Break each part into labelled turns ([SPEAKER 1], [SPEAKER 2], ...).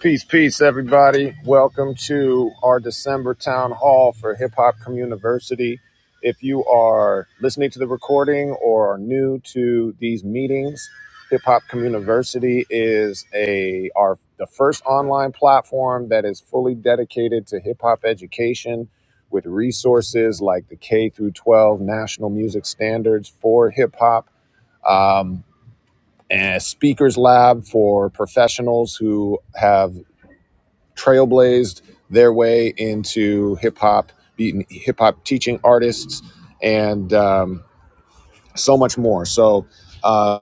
[SPEAKER 1] Peace, peace, everybody. Welcome to our December town hall for Hip Hop Community. If you are listening to the recording or are new to these meetings, Hip Hop Community is a our the first online platform that is fully dedicated to hip hop education with resources like the K through 12 national music standards for hip hop. Um, and a speakers lab for professionals who have trailblazed their way into hip hop, beating hip hop teaching artists, and um, so much more. So, uh,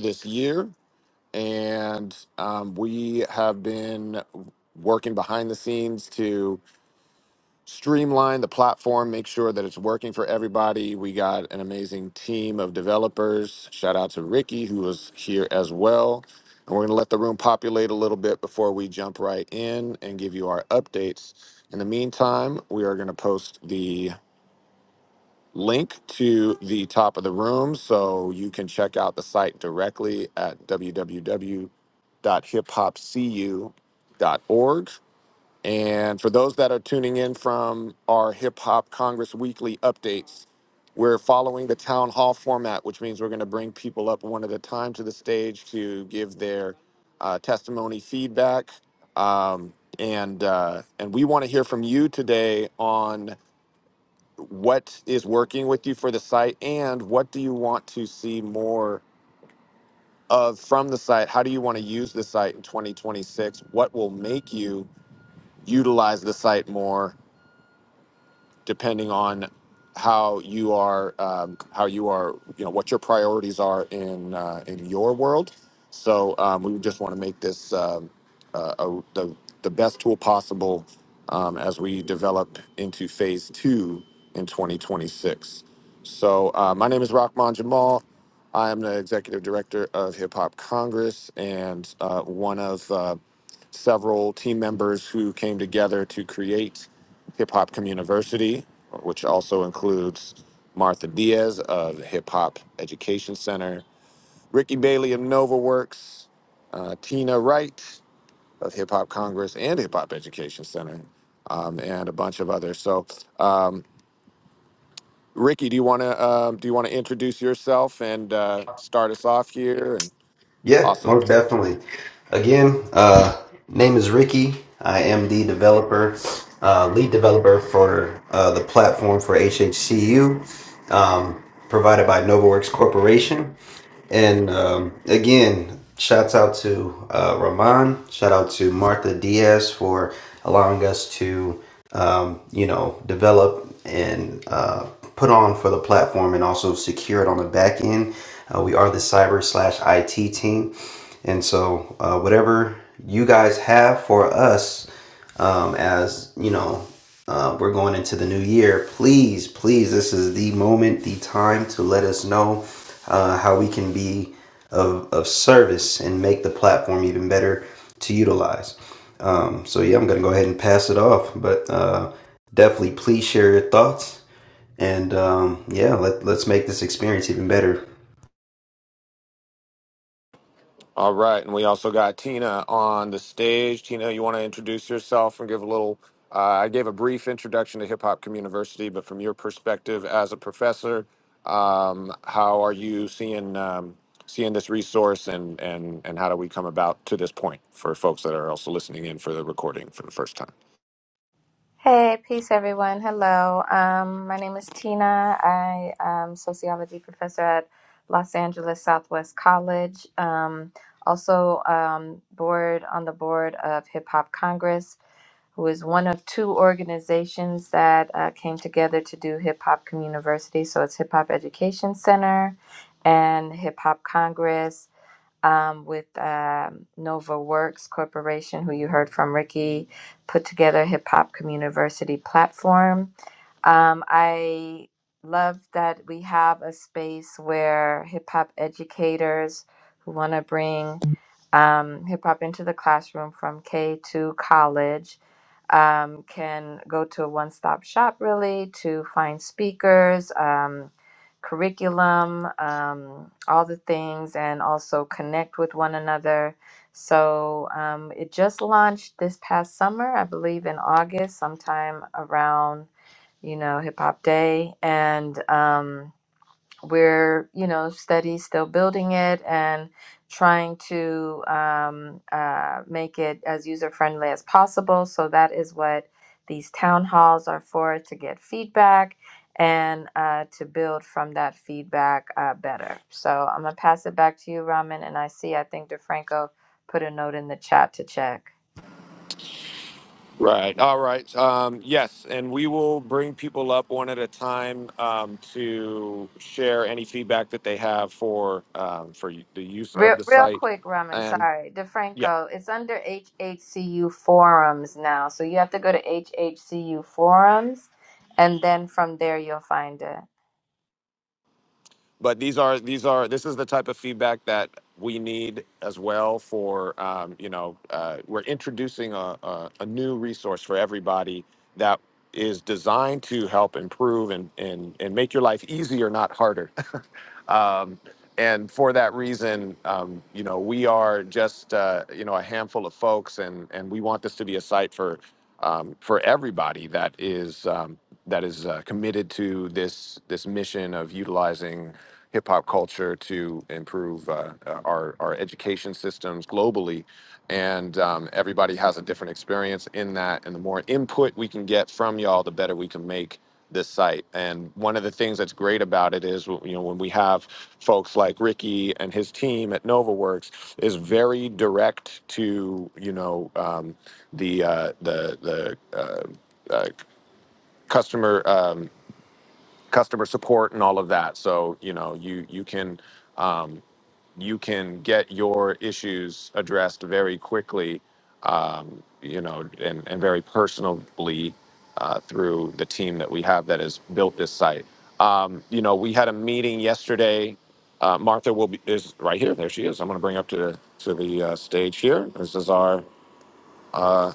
[SPEAKER 1] this year, and um, we have been working behind the scenes to streamline the platform, make sure that it's working for everybody. We got an amazing team of developers. Shout out to Ricky, who was here as well. And we're going to let the room populate a little bit before we jump right in and give you our updates. In the meantime, we are going to post the link to the top of the room so you can check out the site directly at www.hiphopcu.org and for those that are tuning in from our Hip Hop Congress weekly updates, we're following the town hall format, which means we're going to bring people up one at a time to the stage to give their uh, testimony, feedback, um, and uh, and we want to hear from you today on what is working with you for the site and what do you want to see more of from the site. How do you want to use the site in 2026? What will make you utilize the site more? depending on how you are, um, how you are, you know, what your priorities are in uh, in your world. So um, we just want to make this um, uh, a, the the best tool possible um, as we develop into phase two in 2026. So uh, my name is Rahman Jamal. I am the executive director of Hip Hop Congress and uh, one of uh, several team members who came together to create Hip Hop Community, which also includes Martha Diaz of the Hip Hop Education Center, Ricky Bailey of NovaWorks, uh, Tina Wright of Hip Hop Congress and Hip Hop Education Center, um, and a bunch of others. So, um, Ricky, do you want to um do you want to introduce yourself and uh, start us off here? And
[SPEAKER 2] Yeah,
[SPEAKER 1] awesome.
[SPEAKER 2] most definitely. Again, uh, name is Ricky. I am the developer, uh, lead developer for uh, the platform for HHCU, um, provided by NovaWorks Corporation. And um, again, shouts out to uh, Rahman. Shout out to Martha Diaz for allowing us to um, you know, develop and uh, put on for the platform and also secure it on the back end. Uh, we are the cyber slash IT team. And so, uh, whatever you guys have for us, um, as you know, uh, we're going into the new year, please, please, this is the moment, the time to let us know uh, how we can be of, of service and make the platform even better to utilize. Um, so yeah, I'm gonna go ahead and pass it off. But uh, definitely, please share your thoughts, and um, yeah, let let's make this experience even better.
[SPEAKER 1] All right, and we also got Tina on the stage. Tina, you want to introduce yourself and give a little? Uh, I gave a brief introduction to Hip Hop Community, but from your perspective as a professor, um, how are you seeing um, seeing this resource, and and and how do we come about to this point for folks that are also listening in for the recording for the first time?
[SPEAKER 3] Hey, peace, everyone. Hello. Um, my name is Tina. I am sociology professor at Los Angeles Southwest College. Um, also, um, board on the board of Hip Hop Congress, who is one of two organizations that uh, came together to do Hip Hop Community. University. So it's Hip Hop Education Center and Hip Hop Congress um, with um, Nova Works Corporation, who you heard from Ricky, put together a hip hop community university platform um, I love that we have a space where hip hop educators who want to bring um, hip hop into the classroom from K to college um, can go to a one stop shop really to find speakers, um, curriculum, um, all the things, and also connect with one another. So um, it just launched this past summer, I believe in August, sometime around you know, Hip Hop Day. And um, we're, you know, steady still building it and trying to um, uh, make it as user friendly as possible. So that is what these town halls are for to get feedback and uh, to build from that feedback uh, better. So I'm going to pass it back to you, Ramen. And I see, I think DeFranco put a note in the chat to check.
[SPEAKER 1] Right. All right. Um, yes, and we will bring people up one at a time um, to share any feedback that they have for um, for y- the use of
[SPEAKER 3] Real,
[SPEAKER 1] the
[SPEAKER 3] real
[SPEAKER 1] site.
[SPEAKER 3] quick, Raman.
[SPEAKER 1] And
[SPEAKER 3] Sorry,
[SPEAKER 1] yeah,
[SPEAKER 3] DeFranco. It's under HHCU forums now, so you have to go to HHCU forums, and then from there you'll find it.
[SPEAKER 1] but these are these are this is the type of feedback that we need as well for um, you know uh, we're introducing a, a, a new resource for everybody that is designed to help improve and and and make your life easier, not harder Um, and for that reason, um, you know, we are just uh, you know a handful of folks, and and we want this to be a site for um, for everybody that is um, that is uh, committed to this this mission of utilizing hip hop culture to improve uh, uh, our our education systems globally, and um, everybody has a different experience in that. And the more input we can get from y'all, the better we can make this site. And one of the things that's great about it is, you know, when we have folks like Ricky and his team at NovaWorks is very direct to, you know, um, the, uh, the, the, uh, uh, customer, um, customer support and all of that. So, you know, you, you can, um, you can get your issues addressed very quickly, um, you know, and, and very personally uh, through the team that we have that has built this site. Um, you know, we had a meeting yesterday. Uh, Martha will be is right here. There she is. I'm going to bring her up to to the uh, stage here. This is our uh,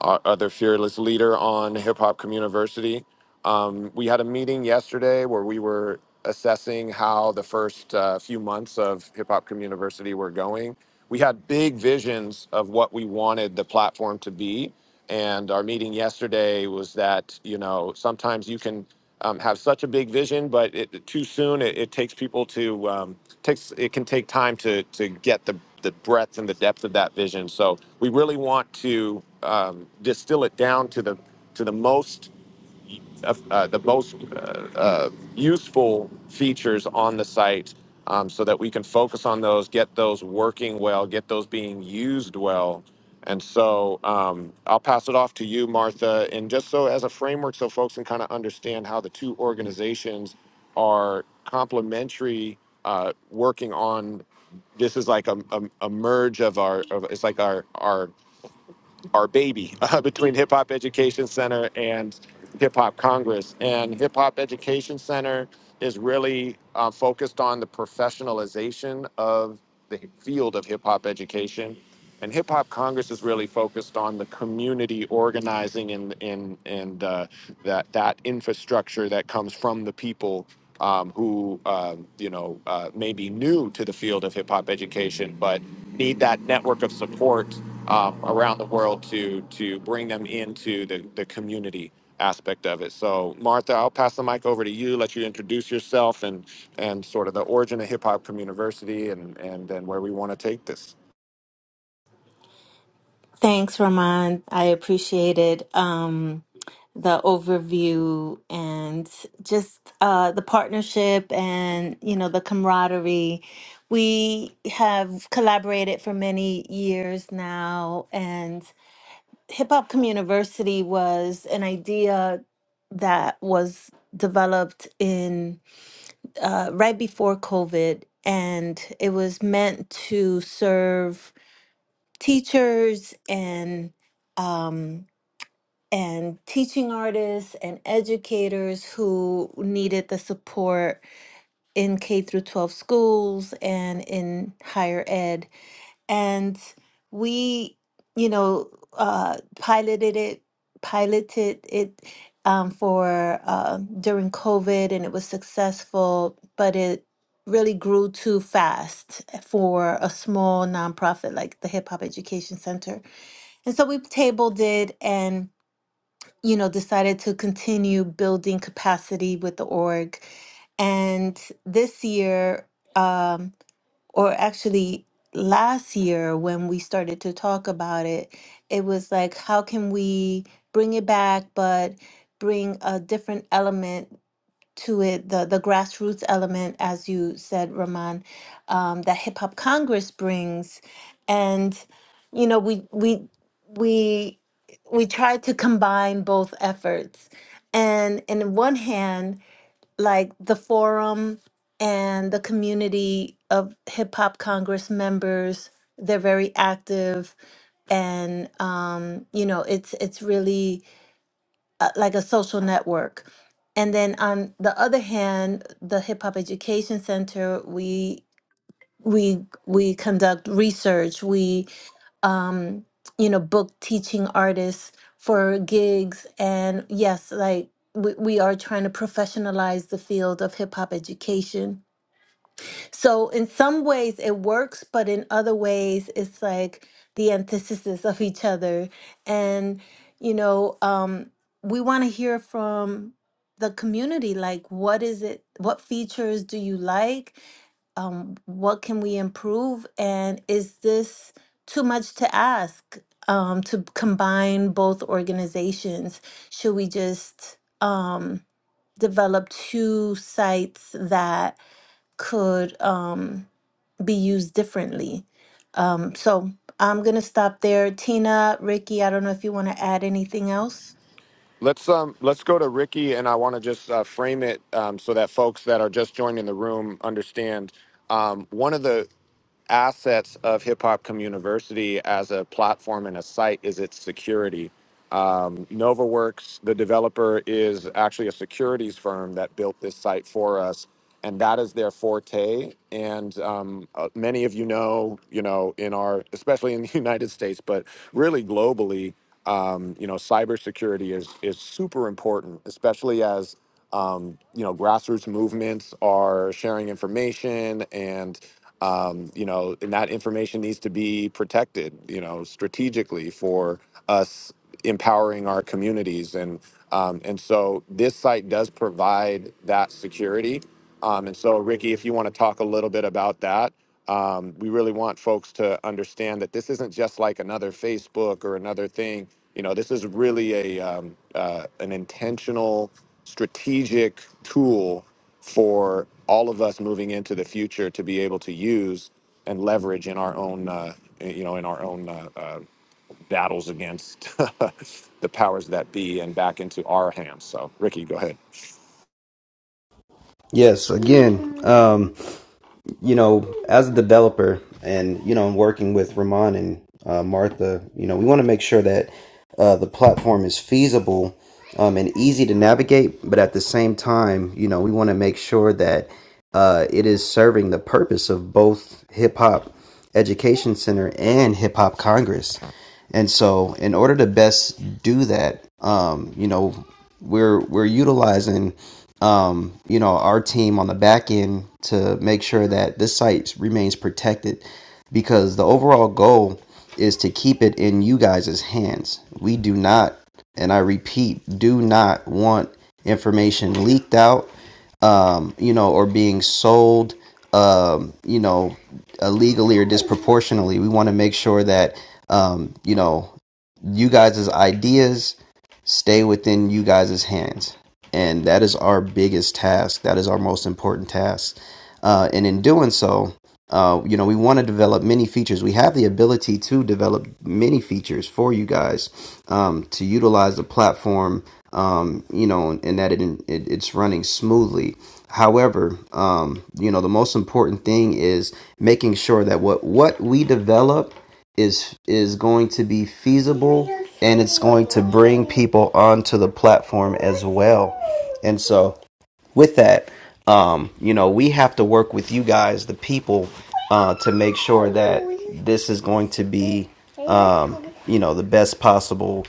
[SPEAKER 1] our other fearless leader on Hip Hop Community. Um, we had a meeting yesterday where we were assessing how the first uh, few months of Hip Hop Community were going. We had big visions of what we wanted the platform to be, and our meeting yesterday was that you know sometimes you can um, have such a big vision, but it, too soon it, it takes people to um, takes it can take time to to get the the breadth and the depth of that vision. So we really want to um, distill it down to the to the most uh, uh, the most uh, uh, useful features on the site um, so that we can focus on those get those working well get those being used well and so um, i'll pass it off to you martha and just so as a framework so folks can kind of understand how the two organizations are complementary uh, working on this is like a, a, a merge of our of, it's like our our our baby uh, between Hip Hop Education Center and Hip Hop Congress. And Hip Hop Education Center is really uh, focused on the professionalization of the field of hip hop education. And Hip Hop Congress is really focused on the community organizing and, and, and uh, that that infrastructure that comes from the people um, who um, you know uh, may be new to the field of hip hop education, but need that network of support um, around the world to to bring them into the the community aspect of it. So Martha, I'll pass the mic over to you. Let you introduce yourself and and sort of the origin of Hip Hop Community and and then where we want to take this.
[SPEAKER 4] Thanks, Ramon. I appreciated um, the overview and just uh, the partnership and you know the camaraderie. We have collaborated for many years now, and Hip Hop Community was an idea that was developed in uh, right before COVID, and it was meant to serve teachers and um, and teaching artists and educators who needed the support in K through 12 schools and in higher ed. And we, you know, uh, piloted it, piloted it um, for uh, during COVID, and it was successful, but it really grew too fast for a small nonprofit like the Hip Hop Education Center and so we tabled it and, you know, decided to continue building capacity with the org. And this year, um, or actually last year, when we started to talk about it, it was like, how can we bring it back, but bring a different element to it the the grassroots element as you said Rahman um, that hip hop Congress brings and you know we we we we try to combine both efforts and in one hand like the forum and the community of hip hop Congress members they're very active and um, you know it's it's really uh, like a social network. And then on the other hand, the Hip Hop Education Center, we we we conduct research. We um, you know book teaching artists for gigs, and yes, like we, we are trying to professionalize the field of hip hop education so in some ways it works, but in other ways it's like the antithesis of each other. And you know, um, we want to hear from the community. Like, what is it? What features do you like? Um, what can we improve? And is this too much to ask um, to combine both organizations? Should we just um, develop two sites that could? Um, be used differently. Um, so I'm gonna stop there. Tina, Ricky, I don't know if you want to add anything else.
[SPEAKER 1] Let's um let's go to Ricky, and I want to just uh, frame it um, so that folks that are just joining the room understand. Um, one of the assets of Hip Hop Community as a platform and a site is its security. Um, NovaWorks, the developer, is actually a securities firm that built this site for us, and that is their forte. And um, uh, many of you know, you know, in our, especially in the United States, but really globally, um, you know, cybersecurity is is super important, especially as um, you know grassroots movements are sharing information and um, you know, and that information needs to be protected, you know, strategically for us empowering our communities. And um, and so this site does provide that security um, and so, Ricky, if you want to talk a little bit about that, um, we really want folks to understand that this isn't just like another Facebook or another thing. You know, this is really a um, uh, an intentional, strategic tool for all of us moving into the future to be able to use and leverage in our own, uh, you know, in our own uh, uh, battles against the powers that be and back into our hands. So, Ricky, go ahead.
[SPEAKER 2] Yes, again. Um, you know, as a developer and, you know, working with Ramon and uh, Martha, you know, we want to make sure that uh, the platform is feasible um, and easy to navigate. But at the same time, you know, we want to make sure that uh, it is serving the purpose of both Hip Hop Education Center and Hip Hop Congress. And so, in order to best do that, um, you know, we're we're utilizing um, you know, our team on the back end to make sure that this site remains protected because the overall goal is to keep it in you guys' hands. We do not, and I repeat, do not want information leaked out, um, you know, or being sold, um, you know, illegally or disproportionately. We want to make sure that, um, you know, you guys' ideas stay within you guys' hands. And that is our biggest task. That is our most important task. Uh, and in doing so, uh, you know, we want to develop many features. We have the ability to develop many features for you guys um, to utilize the platform, um, you know, and that it, it it's running smoothly. However, um, you know, the most important thing is making sure that what what we develop is is going to be feasible and it's going to bring people onto the platform as well. And so with that, um, you know, we have to work with you guys, the people, uh, to make sure that this is going to be um, you know, the best possible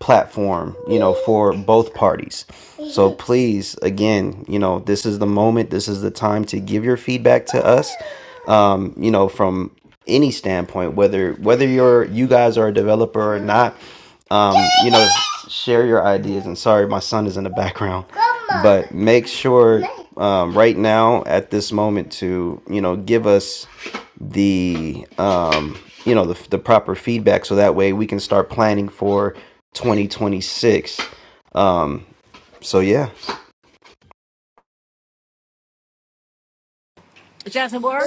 [SPEAKER 2] platform, you know, for both parties. So please, again, you know, this is the moment, this is the time to give your feedback to us you know from any standpoint whether whether you're you guys are a developer or not um you know share your ideas and sorry my son is in the background but make sure um, right now at this moment to you know give us the um you know the, the proper feedback so that way we can start planning for 2026 um so yeah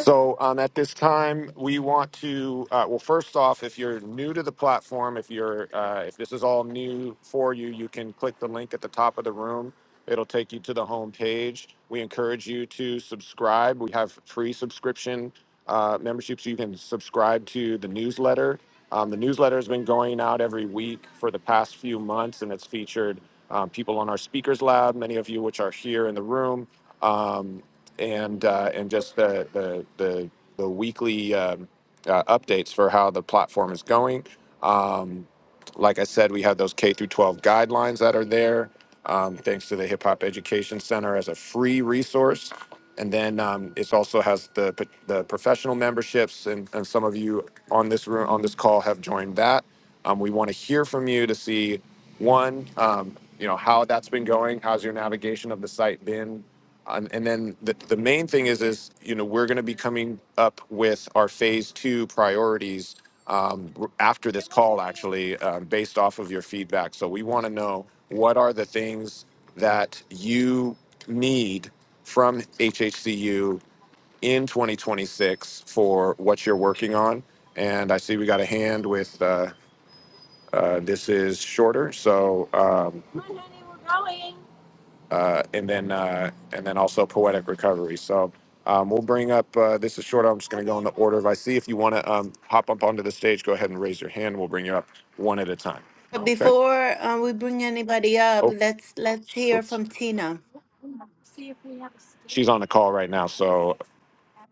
[SPEAKER 1] So um, at this time, we want to uh, well, first off, if you're new to the platform, if you're uh, if this is all new for you, you can click the link at the top of the room. It'll take you to the home page. We encourage you to subscribe. We have free subscription uh, memberships. You can subscribe to the newsletter. Um, the newsletter has been going out every week for the past few months, and it's featured um, people on our speakers lab, many of you which are here in the room um, and uh, and just the the the, the weekly um, uh, updates for how the platform is going. Um, like I said, we have those K through 12 guidelines that are there, um, thanks to the Hip Hop Education Center as a free resource. And then um, it also has the p- the professional memberships, and, and some of you on this room on this call have joined that. Um, we want to hear from you to see one, um, you know how that's been going. How's your navigation of the site been? Um, and then the, the main thing is is you know we're going to be coming up with our phase two priorities um, r- after this call actually uh, based off of your feedback so we want to know what are the things that you need from hhcu in 2026 for what you're working on and i see we got a hand with uh, uh, this is shorter so um, uh, and then uh, and then also poetic recovery. So um, we'll bring up. Uh, this is short. I'm just going to go in the order. If I see if you want to um, hop up onto the stage, go ahead and raise your hand. We'll bring you up one at a time. Okay.
[SPEAKER 4] Before uh, we bring anybody up,
[SPEAKER 1] Oh,
[SPEAKER 4] let's let's hear
[SPEAKER 1] whoops.
[SPEAKER 4] from Tina.
[SPEAKER 1] she's on the call right now, so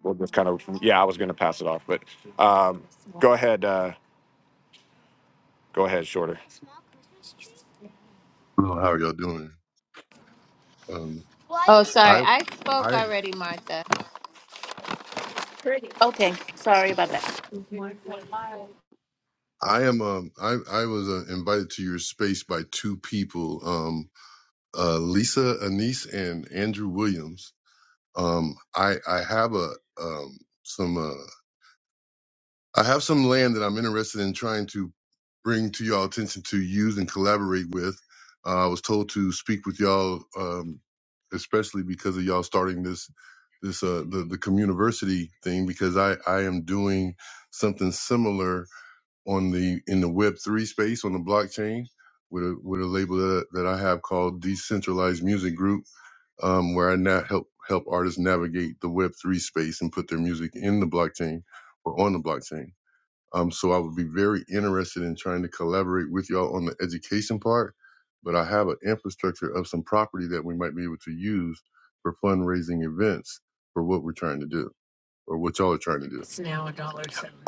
[SPEAKER 1] we'll just kind of. Yeah, I was going to pass it off, but um, go ahead. Uh, go ahead, shorter.
[SPEAKER 5] Hello, how are y'all doing? Um,
[SPEAKER 3] Oh, sorry.
[SPEAKER 5] I
[SPEAKER 3] I spoke
[SPEAKER 5] I
[SPEAKER 3] already, Martha.
[SPEAKER 4] Okay, sorry about that.
[SPEAKER 5] I am um I I was uh, invited to your space by two people, um, uh, Lisa Anise and Andrew Williams. Um, I I have a um some uh, I have some land that I'm interested in trying to bring to y'all attention to use and collaborate with. Uh, I was told to speak with y'all, um, especially because of y'all starting this this uh, the the communiversity thing because I I am doing something similar on the in the Web three space on the blockchain with a with a label that, that I have called Decentralized Music Group, um, where I now help help artists navigate the Web three space and put their music in the blockchain or on the blockchain. Um, so I would be very interested in trying to collaborate with y'all on the education part. But I have an infrastructure of some property that we might be able to use for fundraising events for what we're trying to do or what y'all are trying to do.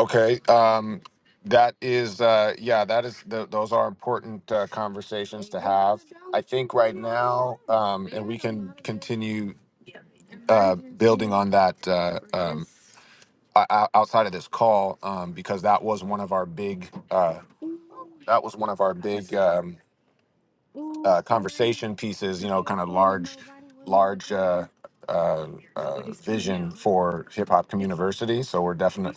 [SPEAKER 1] Okay. Um, that is, uh, yeah, that is, th- those are important uh, conversations to have. I think right now, um, and we can continue. uh, building on that uh, um, o- o- outside of this call um, because that was one of our big uh, that was one of our big um, uh, conversation pieces. You know, kind of large large uh, uh, uh, for Hip Hop Community. So we're definitely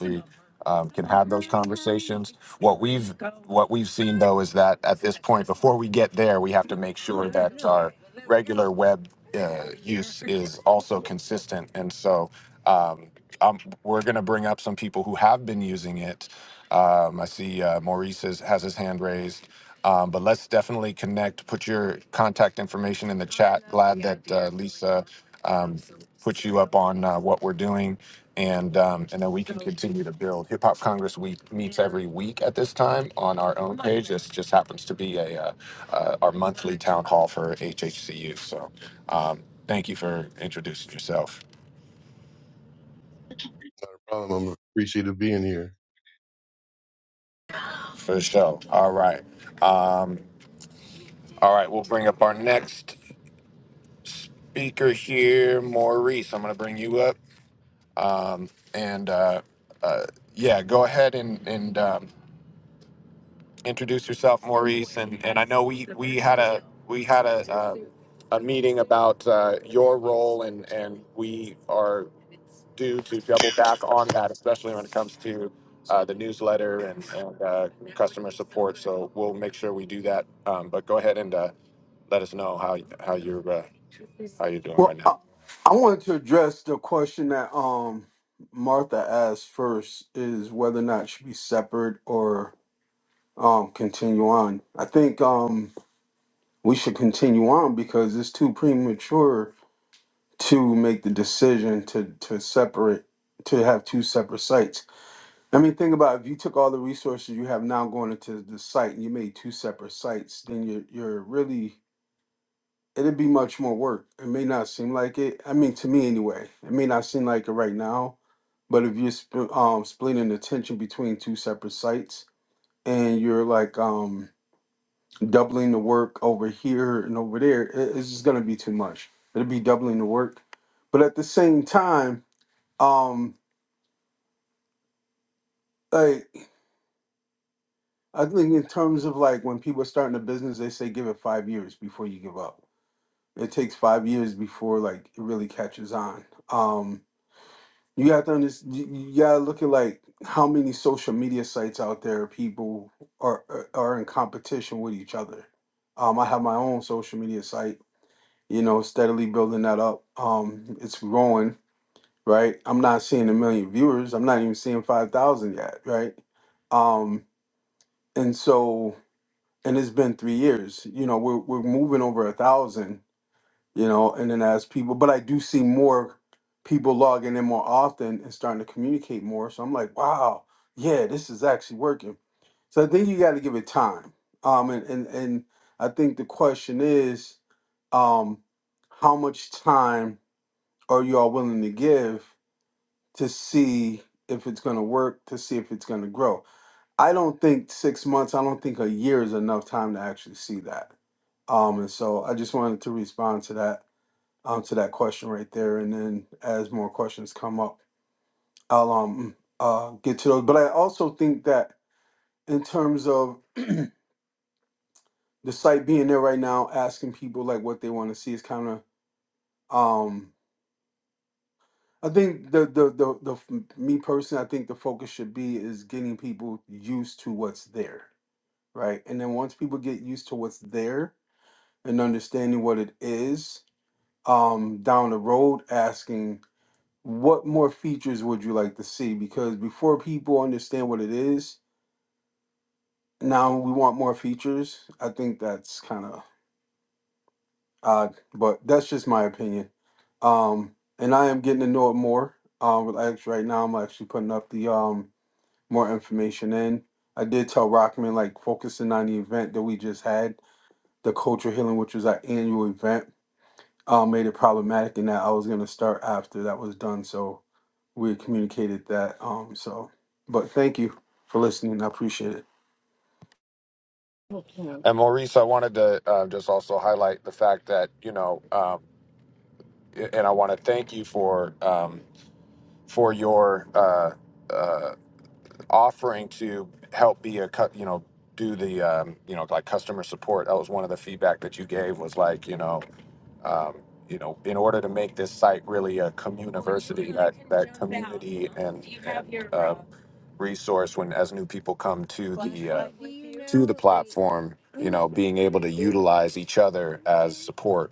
[SPEAKER 1] um, can have those conversations. What we've what we've seen though is that at this point, before we get there, we have to make sure regular web. is also consistent. And so um, um, we're going to bring up some people who have been using it. Um, I see uh, Maurice has, has his hand raised, um, but let's definitely connect. Put your contact information in the uh, on uh, what we're doing, and um, and then we continue to build. Hip Hop Congress we meet every week at this time on our own. This just happens to be a uh, uh, our monthly town hall for HHCU. So um, thank you for introducing yourself.
[SPEAKER 5] Um, I'm appreciative being here.
[SPEAKER 1] For sure. All right. Um, all right. We'll bring up our next speaker here, Maurice. I'm going to bring you up. Um, and uh, uh, yeah, go ahead and, and um, introduce yourself. We have do, we'll make sure we do that. Um, but go ahead and uh, let us know how, how you're. Uh...
[SPEAKER 6] Well, I, I wanted to address the question that um Martha asked first is whether or not it should be separate or um continue on. I think um we should continue on because it's too premature to make the decision to to separate to have two separate sites. I mean, think about if you took all the resources you have now going into the site and you made two separate sites, then you're you're really it'd be much more work. It may not seem like it. I mean, to me anyway, it may not seem like it right now, but if you're sp- um, splitting attention between two separate sites and you're like um, doubling the work over here and over there, it- it's just gonna be too much. It'll be doubling the work, but at the same time, um, like I think in terms of like when people are starting a business, they say give it five years before you give up. It takes five years before like it really catches on. Um, you have to understand you you gotta look at like how many social media sites out there people are are are in competition with each other um i have my own social media site you know steadily building that up um it's growing right i'm not seeing a million viewers i'm not even seeing 5000 yet right um and so and it's been three years you know we're, we're moving over a thousand you know, and then as people, but I do see more people logging in more often and starting to communicate more. So I'm like, wow, yeah, this is actually working. So I think you got to give it time. Um, and, and, and I think the question is, um, how much time are you all willing to give to see if it's going to work, to see if it's going to grow? I don't think six months, I don't think a year is enough time to actually see that. Um, and so I just wanted to respond to that um, to that question right there. And then as more questions come up, I'll um uh get to those. But I also think that in terms of the site being there right now, asking people like what they want to see is kind of um I think the the the the f- me personally, I think the focus should be is getting people used to what's there, right? And then once people get used to what's there and understanding what it is, um down the road asking what more features would you like to see? Because before people understand what it is, now we want more features. I think that's kind of odd, but that's just my opinion. Um, and I am getting to know it more. Um, with X right now, I'm actually putting up the um more information in. I did tell Rockman like focusing on the event that we just had, the culture healing, which was our annual event, um, made it problematic, and that I was gonna start after that was done. So we had communicated that. Um, so, but thank you for listening. I appreciate it.
[SPEAKER 1] And Maurice, I wanted to uh, just also highlight the fact that, you know, um, and I want to thank you for um, for your. Uh, uh, offering to help be a cut you know do the um, you know like customer support that was one of the feedback that you gave was like you know um, you know in order to make this site really a community that community and resource when as new people come to forum you know being able to utilize each other as support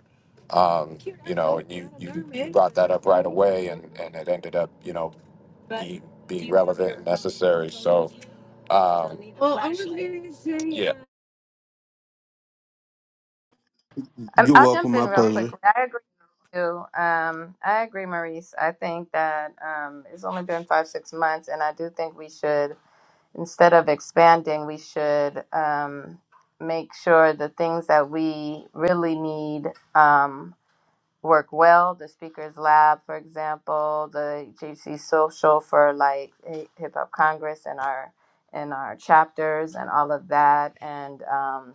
[SPEAKER 1] um, you know and you you brought that up right away and and it ended up you know
[SPEAKER 3] Um,
[SPEAKER 6] You're
[SPEAKER 3] I'll
[SPEAKER 6] welcome.
[SPEAKER 3] jump in
[SPEAKER 6] My
[SPEAKER 3] real quick.
[SPEAKER 6] pleasure.
[SPEAKER 3] I agree with you. Um, I agree, Maurice. I think that um, it's only been five, six months, and I do think we should, instead of expanding, we should um, make sure the things that we really need. Um, work well. The Speakers Lab, for example, the GC Social for like Hip Hop Congress and our and our chapters and all of that, and um,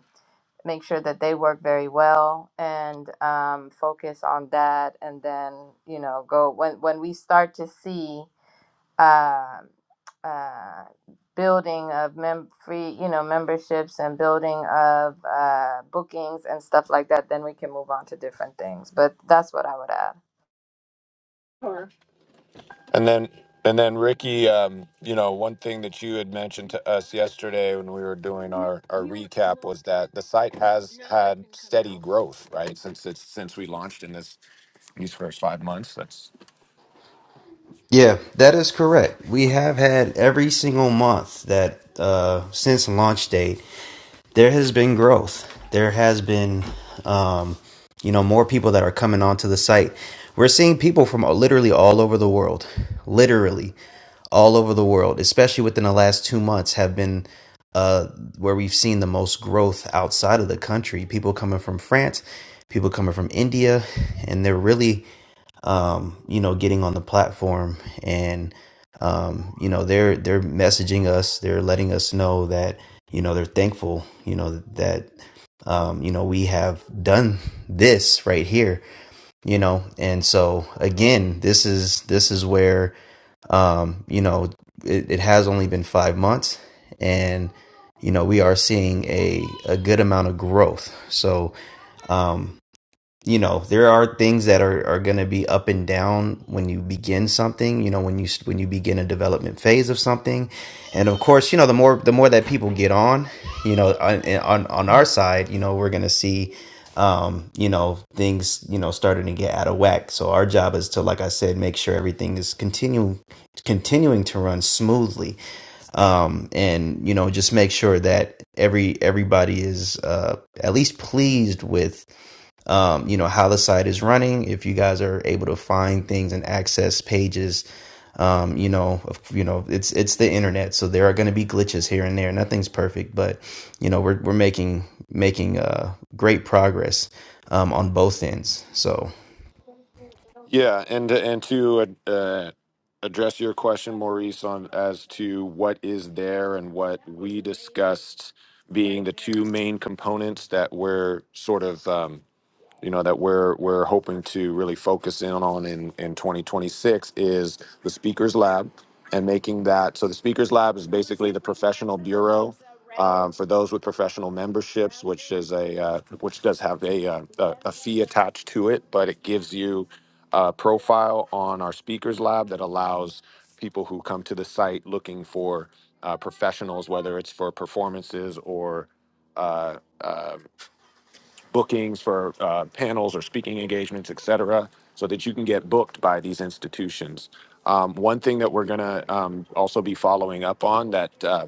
[SPEAKER 3] make sure that they work very well and um, focus on that. And then you know, go when when we start to see. Uh, uh, building of mem- free you know memberships and building of uh, bookings and stuff like that then we can move on to different things but that's what i would add
[SPEAKER 1] And then, and then Ricky, um, you know, one thing that you had mentioned to us yesterday when we were doing our, our recap was that the site has had steady growth, right? Since it's, since we launched in this, these first five months, that's.
[SPEAKER 2] yeah that is correct we have had every single month that uh since launch date there has been growth. There has been, um, you know, more people that are coming onto the site. We're seeing people from literally all over the world, literally all over the world, especially within the last two months, have been uh, where we've seen the most growth outside of the country. People coming from France, people coming from India, and they're really um, you know, getting on the platform and um, you know, they're they're messaging us, they're letting us know that, you know, they're thankful, you know, that um, you know, we have done this right here, you know. And so again, this is this is where um, you know, it, it has only been five months and you know, we are seeing a, a good amount of growth. So, um, you know there are things that are, are going to be up and down when you begin something you know when you when you begin a development phase of something and of course you know the more the more that people get on you know on on, on our side you know we're going to see um you know things you know starting to get out of whack so our job is to like i said make sure everything is continuing continuing to run smoothly um and you know just make sure that every everybody is uh at least pleased with um, you know how the site is running if you guys are able to find things and access pages um, you know you know it's it's the internet so there are going to be glitches here and there nothing's perfect but you know we're, we're making making uh, great progress um, on both ends so
[SPEAKER 1] Yeah. And, and to, uh, address your question, Maurice, on as to what is there and what we discussed being the two main components that we're sort of, um, you know that we're we're hoping to really focus in on in in 2026 is the speakers lab and making that so the speakers lab is basically the professional bureau um, for those with professional memberships which is a uh, which does have a, uh, a a fee attached to it but it gives you a profile on our speakers lab that allows people who come to the site looking for uh, professionals whether it's for performances or uh, uh, bookings for uh, panels or speaking engagements, et cetera, so that you can get booked by these institutions. Um, one thing that we're going to um, also be following up on that uh,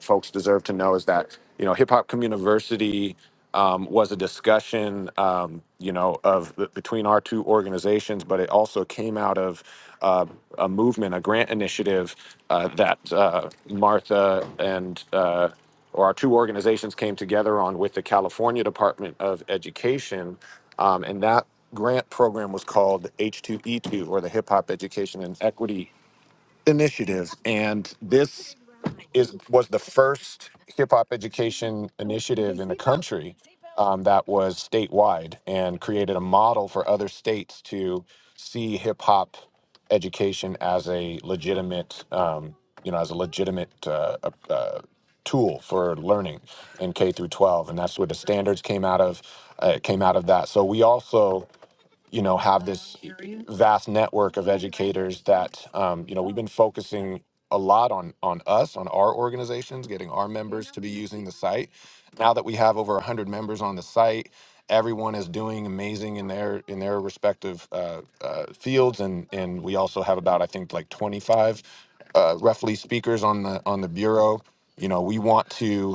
[SPEAKER 1] folks deserve to know is that, you know, Hip Hop Community um, was a discussion, um, you know, of between our two organizations, but it also came out of uh, a movement, a grant initiative uh, that uh, Martha and uh, or our two organizations came together on with the California Department of Education. Um, and that grant program was called H2E2 or the Hip Hop Education and Equity Initiative. And this is was the first hip hop education initiative in the country um, that was statewide and created a model for other states to see hip hop education as a legitimate, um, you know, as a legitimate uh, uh, uh, tool for learning in K through 12, and that's where the standards came out of. Uh, came out of that. So we also, you know, have this vast network of educators that um, you know we've been focusing a lot on on us on our organizations getting our members to be using the site now that we have over 100 members on the site everyone is doing amazing in their in their respective uh, uh, fields and and we also have about i think like 25 uh, roughly speakers on the on the bureau you know we want to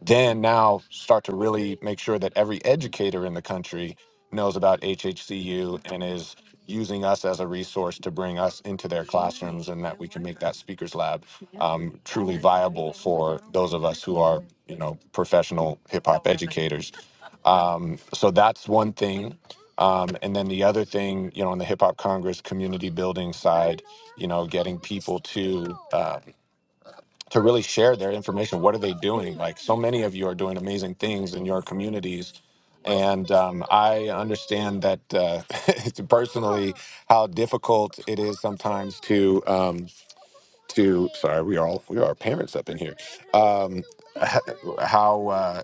[SPEAKER 1] then now start to really make sure that every educator in the country knows about HHCU and is using us as a resource to bring us into their classrooms and that we can make that speakers lab um, truly viable for those of us who are you know professional hip hop educators um, so that's one thing um, and then the other thing you know on the hip hop congress community building side you know getting people to uh, to really share their information. What are they doing? Like so many of you are doing amazing things in your communities. And um, I understand that uh, it's personally how difficult it is sometimes to um, to sorry we are all we are parents up in here um, how uh,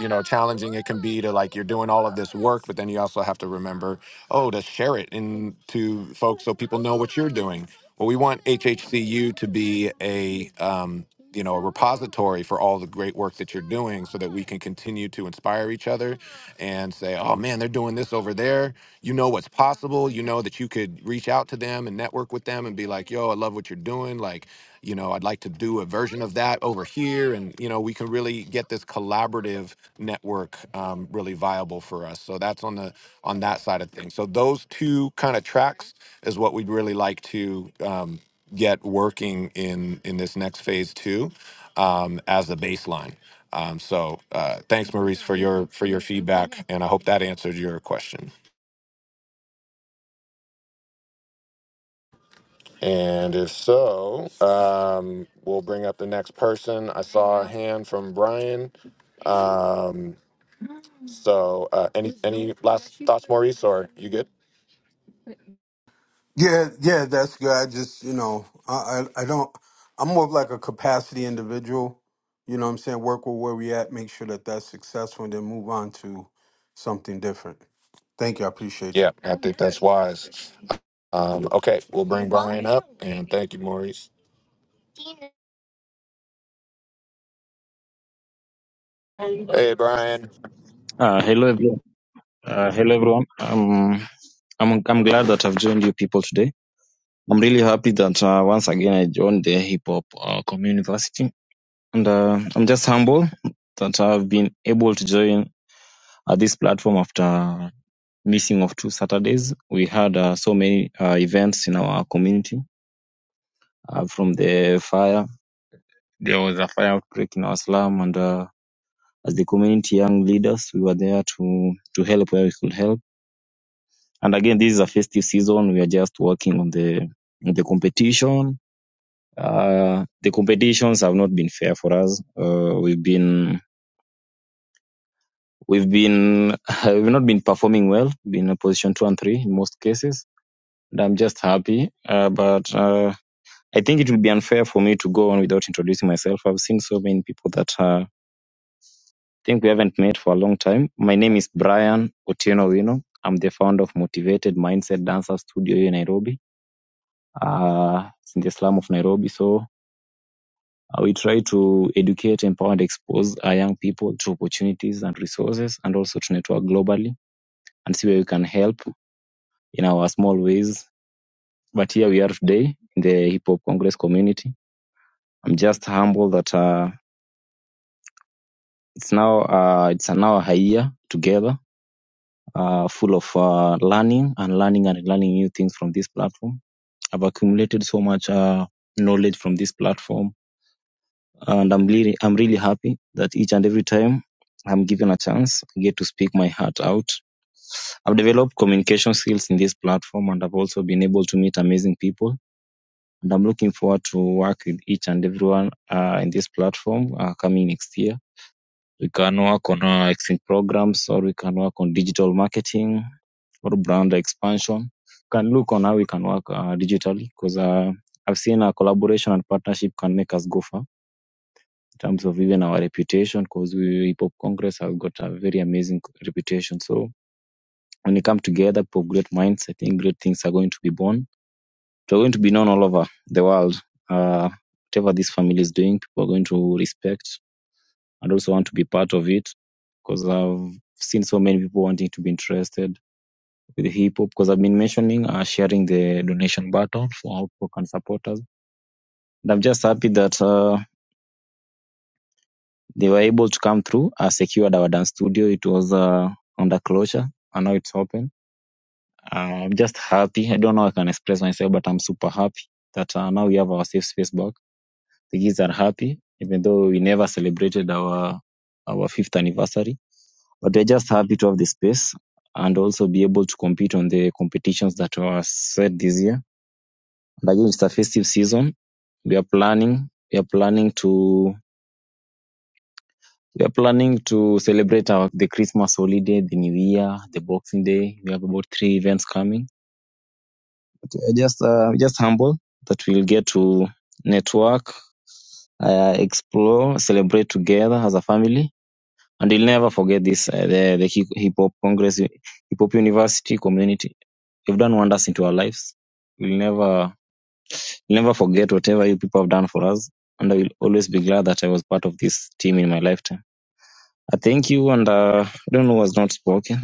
[SPEAKER 1] you know challenging it can be to like you're doing all of this work but then you also have to remember oh to share it in to folks so people know what you're doing well we want hhcu to be a um, you know a repository for all the great work that you're doing so that we can continue to inspire each other and say oh man they're doing this over there you know what's possible you know that you could reach out to them and network with them and be like yo i love what you're doing like you know i'd like to do a version of that over here and you know we can really get this collaborative network um, really viable for us so that's on the on that side of things so those two kind of tracks is what we'd really like to um, get working in in this next phase two um, as the baseline um, so uh, thanks maurice for your for your feedback and i hope that answered your question and if so um, we'll bring up the next person i saw a hand from brian Um, so, uh, any any last thoughts, Maurice, or you good?
[SPEAKER 6] Yeah, yeah, that's good. I just, you know, I, I, I don't. I'm more of like a capacity individual. You know, what I'm saying work with where we at, make sure that that's successful, and then move on to something different. Thank you. I appreciate you.
[SPEAKER 1] Yeah, I think that's wise. Um, okay, we'll bring Brian. And thank you, Maurice. Hey, Brian.
[SPEAKER 7] Uh, hello, everyone. Uh, hello, everyone. Um, I'm I'm glad that I've joined you people today. I'm really happy that uh, once again I joined the Hip Hop uh, Community, and uh, I'm just humble that I've been able to join uh, this platform after missing of two Saturdays. We had uh, so many uh, events in our community. Uh, from the fire, there was a fire outbreak in our slum, and uh, as the community young leaders, we were there to to help where we could help And again, this is a festive season. We are just working on the on the competition. Uh, the competitions have not been fair for us. Uh, we've been we've been we've not been performing well. Been in position two and three in most cases. And I'm just happy. Uh, but uh, I think it would be unfair for me to go on without introducing myself. I've seen so many people that uh, think we haven't met for a long time. My name is Brian Otieno Wino. I'm the founder of Motivated Mindset Dancer Studio here in Nairobi. uh, in the slum of Nairobi. So uh, we try to educate, empower, and expose our young people to opportunities and resources, and also to network globally and see where we can help in our small ways. But here we are today in the Hip Hop Congress community. I'm just humbled that uh, it's now uh, it's now a year together, uh, full of uh, learning and learning and learning new things from this platform. I've accumulated so much uh, knowledge from this platform and I'm really I'm really happy that each and every time I'm given a chance, I get to speak my heart out. I've developed communication skills in this platform, and I've also been able to meet amazing people. And I'm looking forward to work with each and everyone uh, in this platform uh, coming next year. We can work on uh, exchange programs, or we can work on digital marketing, or brand expansion. We can look on how we can work uh, digitally, because uh, I've seen a collaboration and partnership can make us go far terms of even our reputation because we hip hop congress have got a very amazing reputation so when you come together people of great minds i think great things are going to be born they're going to be known all over the world uh, whatever this family is doing people are going to respect and also want to be part of it because i've seen so many people wanting to be interested with hip hop because i've been mentioning uh, sharing the donation button for how people can support us and i'm just happy that uh, they were able to come through, uh, secured our dance studio. It was uh, under closure. And now it's open. Uh, I'm just happy. I don't know how I can express myself, but I'm super happy that uh, now we have our safe space back. The kids are happy, even though we never celebrated our our fifth anniversary. But we're just happy to have the space and also be able to compete on the competitions that were set this year. And again, it's a festive season. We are planning. We are planning to We are planning to celebrate our, the Christmas holiday, the New Year, the Boxing Day. We have about three events coming. But we are just uh, just humble that we'll get to network, uh, explore, celebrate together as a family, and we'll never forget this uh, the the hip Hip hop congress, hip hop university community. You've done wonders into our lives. We'll never we'll never forget whatever you people have done for us, and I will always be glad that I was part of this team in my lifetime. I thank you, and uh, I don't know what's not spoken.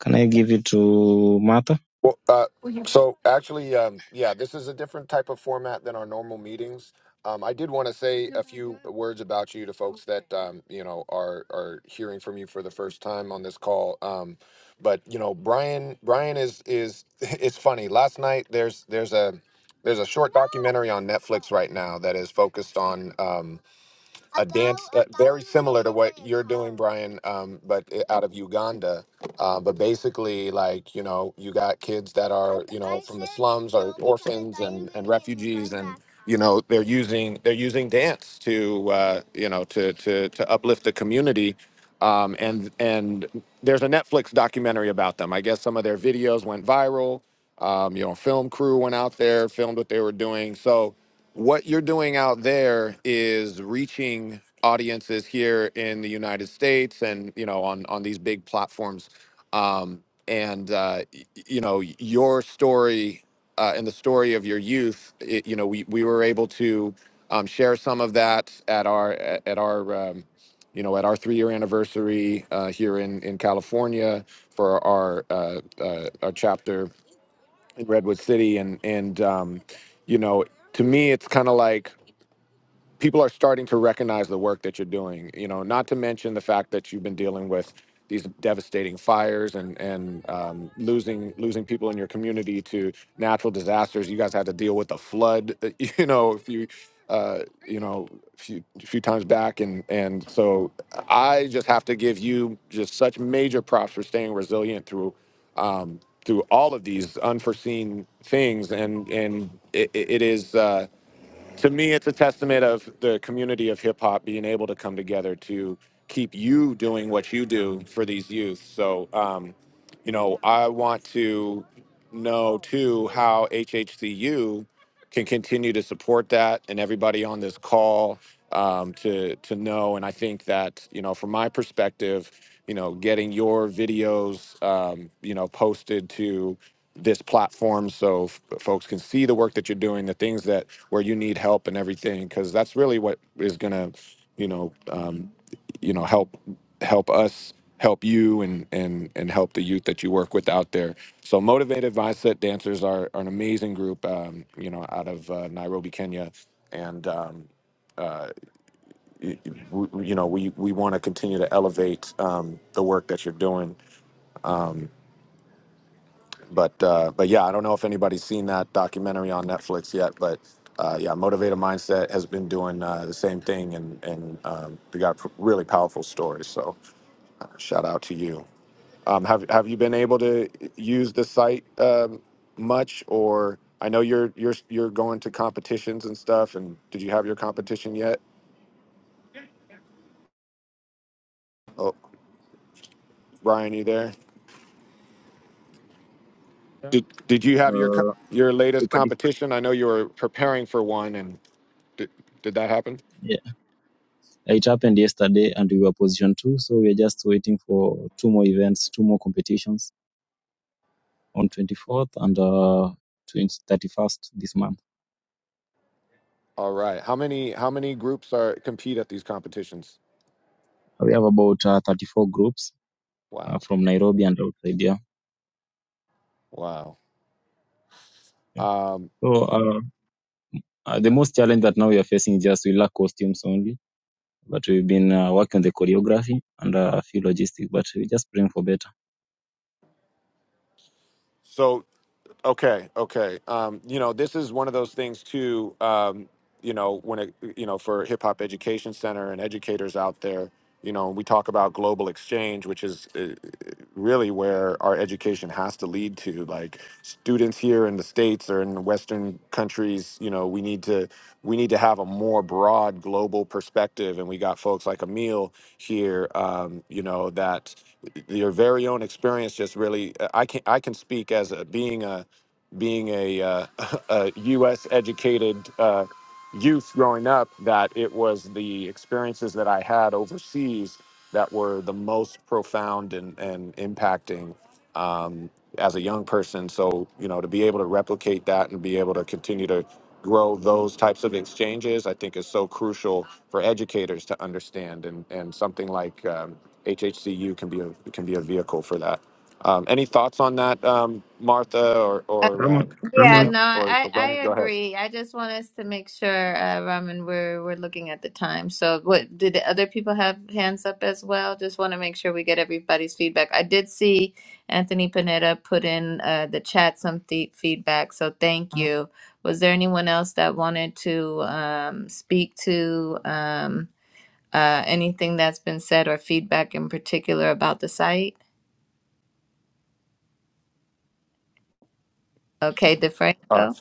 [SPEAKER 7] Can I give it to Martha?
[SPEAKER 1] Well, uh, So actually, um, yeah, this is a different type of format than our normal meetings. Um, I did want to say a few words about you to folks that um, you know are are hearing from you for the first time on this call. Um, but you know, Brian, Brian is is it's funny. Last night there's there's a there's a short documentary on Netflix right now that is focused on um, Brian, um, but i- out of Uganda. Uh, but basically, like you know, you got kids that are you know they're using they're using dance to uh, you know to to to uplift the community um, and and there's a Netflix documentary about them. I guess some of their videos went viral. Um, you know, film crew went out there, filmed what they were doing. So, what you're doing out there is reaching audiences here in the United States, and you know, on on these big platforms. Um, and uh, y- y- you know, your story uh, and the story of your youth, it, you know, we, we were able to um, share some of that at our at, at our um, you know at our three year anniversary uh, here in in California for our uh, uh, our chapter in Redwood City, and and um, you know, to me, it's kind of like people are starting to recognize the work that you're doing you know not to mention the fact that you've been dealing with these devastating fires and and um, losing losing people in your community to natural disasters you guys had to deal with a flood you know a few uh, you know a few, a few times back and and so i just have to give you just such major props for staying resilient through um, through all of these unforeseen things and and it, it it is uh to me, it's a testament of the community of hip hop being able to come together to keep you doing what you do for these youth. So, um, you know, I want to know too how HHCU can continue to support that and everybody on this call um, to to know. And I think that you know, from my perspective, you know, getting your videos, um, you know, posted to this platform so f- folks can see the work that you're doing the things that where you need help and everything because that's really what is going to you know um, you know help help us help you and and and help the youth that you work with out there so motivated mindset dancers are, are an amazing group um, you know out of uh, nairobi kenya and um, uh, y- y- w- you know we we want to continue to elevate um, the work that you're doing Um, but uh, but yeah, I don't know if anybody's seen that documentary on Netflix yet, but uh, yeah, Motivated Mindset has been doing uh, the same thing, and and um, we got p- really powerful stories. So uh, shout out to you. Um, have have you been able to use the site um, much, or I know you're you're you're going to competitions and stuff, and did you have your competition yet? Oh, Ryan, you there?
[SPEAKER 7] Yeah.
[SPEAKER 1] Did did you have your co-
[SPEAKER 7] Uh,
[SPEAKER 1] your
[SPEAKER 7] we
[SPEAKER 1] latest
[SPEAKER 7] participate.
[SPEAKER 1] competition? I know you were preparing for one, and did, did that happen?
[SPEAKER 7] Yeah. It happened yesterday and we were position two, so we're just waiting for two more events, two more competitions on 24th and uh, 20, thirty-first this month.
[SPEAKER 1] All right. How many how many groups are compete at these competitions?
[SPEAKER 7] We have about uh, 34 groups uh,
[SPEAKER 1] Wow.
[SPEAKER 7] from Nairobi and outside here.
[SPEAKER 1] Wow.
[SPEAKER 7] Yeah.
[SPEAKER 1] Um
[SPEAKER 7] So uh, uh, the most challenge that now we are facing is just we lack costumes only, but we've been uh, working on the choreography and uh, a few logistics, but we're just praying for better.
[SPEAKER 1] so okay, okay. Um you know, this is one of those things too um you know, when it you know, for Hip Hop Education Center and educators out there, you know, we talk about global exchange, which is uh, really where our education has to lead to like students here in the states or in the western countries you know we need to we need to have a more broad global perspective and we got folks like emil here um, you know that your very own experience just really uh, i can i can speak as a being a being a, uh, a U.S. educated uh, youth growing up that it was the experiences that I had overseas that were the most profound and, and impacting um, as a young person. So, you know, to be able to replicate that and be able to continue to grow those types of exchanges, I think is so crucial for educators to understand. And, and something like um, HHCU can be a, can be a vehicle for that. Um, any thoughts on that, um, Martha or or uh,
[SPEAKER 7] Ramon,
[SPEAKER 3] Yeah,
[SPEAKER 7] Ramon,
[SPEAKER 1] Tina
[SPEAKER 3] no,
[SPEAKER 1] or,
[SPEAKER 3] I
[SPEAKER 1] or
[SPEAKER 3] I
[SPEAKER 1] Brian? Go ahead.
[SPEAKER 3] agree. I just want us to make sure, uh, Raman, we're we're looking at the time. So, what did the other people have hands up as well? Just want to make sure we get everybody's feedback. I did see Anthony Panetta put in uh, the chat some th- feedback, so thank you. Was there anyone else that wanted to um, speak to um, uh, anything that's been said or feedback in particular about the site? Okay,
[SPEAKER 1] All
[SPEAKER 3] DeFranco.
[SPEAKER 1] right.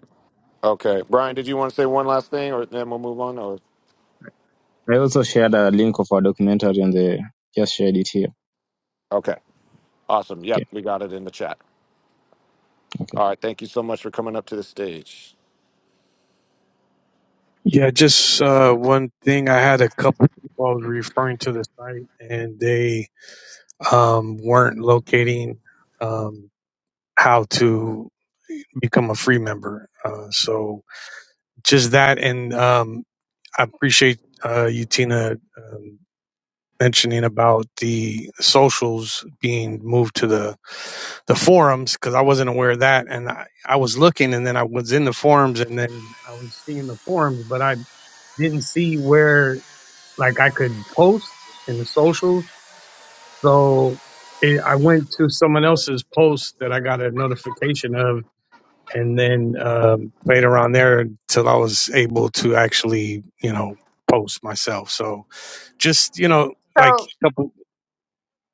[SPEAKER 1] Okay, Brian, did you want to say one last thing, or then we'll move on? Or
[SPEAKER 7] I also shared a link of our documentary and the just shared it here.
[SPEAKER 1] okay, awesome. Yep,
[SPEAKER 7] Okay.
[SPEAKER 1] we got it in the chat.
[SPEAKER 7] Okay.
[SPEAKER 1] All right, thank you so much for coming up to the stage.
[SPEAKER 8] Yeah, just uh, one thing. I had a couple people I was referring to the site, and they um, weren't locating um, how to become a free member. Uh, so just that, and um, I appreciate uh, you, Tina, um, mentioning about the socials being moved to the the forums because I wasn't aware of that, and I, I was looking, and then I was in the forums, and then I was seeing the forums, but I didn't see where Like I could post in the socials. So it, I went to someone else's post that I got a notification of, and then um, played around there until I was able to actually, you know, post myself. So just you know, like couple.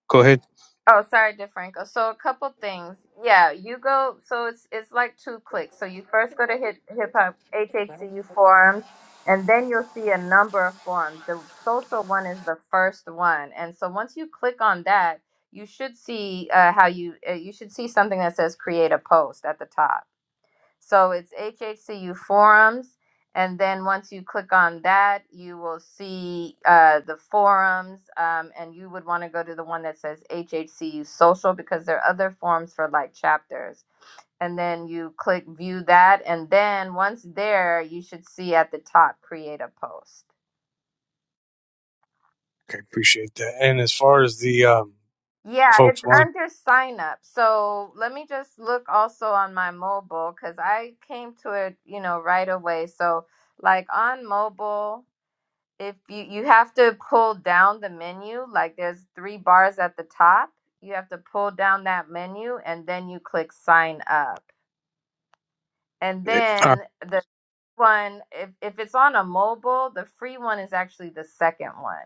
[SPEAKER 8] Go ahead.
[SPEAKER 3] Oh, sorry, DeFranco. So a couple things. Yeah, you go. So it's it's like two clicks. So you first go to hip hip hop HHCU forums, and then you'll see a number of forums. The social one is the first one, and so once you click on that, you should see uh, how you uh, you should see something that says create a post at the top. So it's HHCU forums. And then once you click on that, you will see uh, the forums. Um, and you would want to go to the one that says HHCU social because there are other forums for like chapters. And then you click view that. And then once there, you should see at the top create a post.
[SPEAKER 8] Okay, appreciate that. And as far as the um,
[SPEAKER 3] Yeah,
[SPEAKER 8] folks
[SPEAKER 3] it's
[SPEAKER 8] wanting
[SPEAKER 3] under sign up. So let me just look also on my mobile because I came to it, you know, right away. So, like on mobile, if you you have to pull down the menu like there's three bars at the top you have to pull down that menu and then you click sign up and
[SPEAKER 8] it, all right,
[SPEAKER 3] then the one if, if it's on a mobile the free one is actually the second one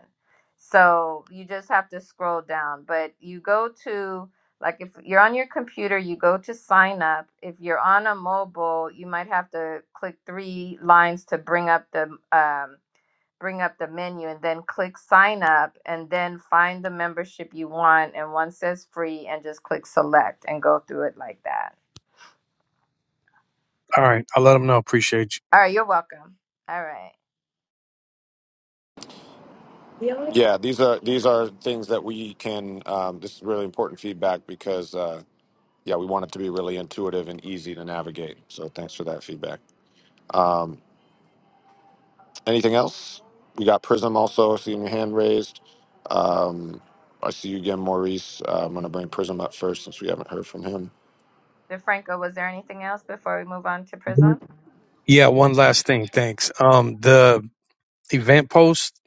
[SPEAKER 3] so you just have to scroll down but you go to like if you're on your computer you go to sign up if you're on a mobile you might have to click three lines to bring up the um, bring up the menu and then click sign up and then find the membership you want and one says free and just click select and go through it like that.
[SPEAKER 8] all right, I'll let them know. Appreciate
[SPEAKER 3] All right, you're welcome. All right.
[SPEAKER 1] Yeah, these are these are things that we can. Um, this is really important feedback because uh, yeah, we want it to be really intuitive and easy to navigate. So thanks for that feedback. Um, Anything else? We got Prism also. Seeing your hand raised. Um, I see you again, Maurice. Uh, I'm going to bring Prism up first since we haven't heard from him.
[SPEAKER 3] DeFranco, was there anything else before we move on to
[SPEAKER 8] you.
[SPEAKER 3] Prism?
[SPEAKER 8] Yeah, one last thing. Thanks. Um, the event post,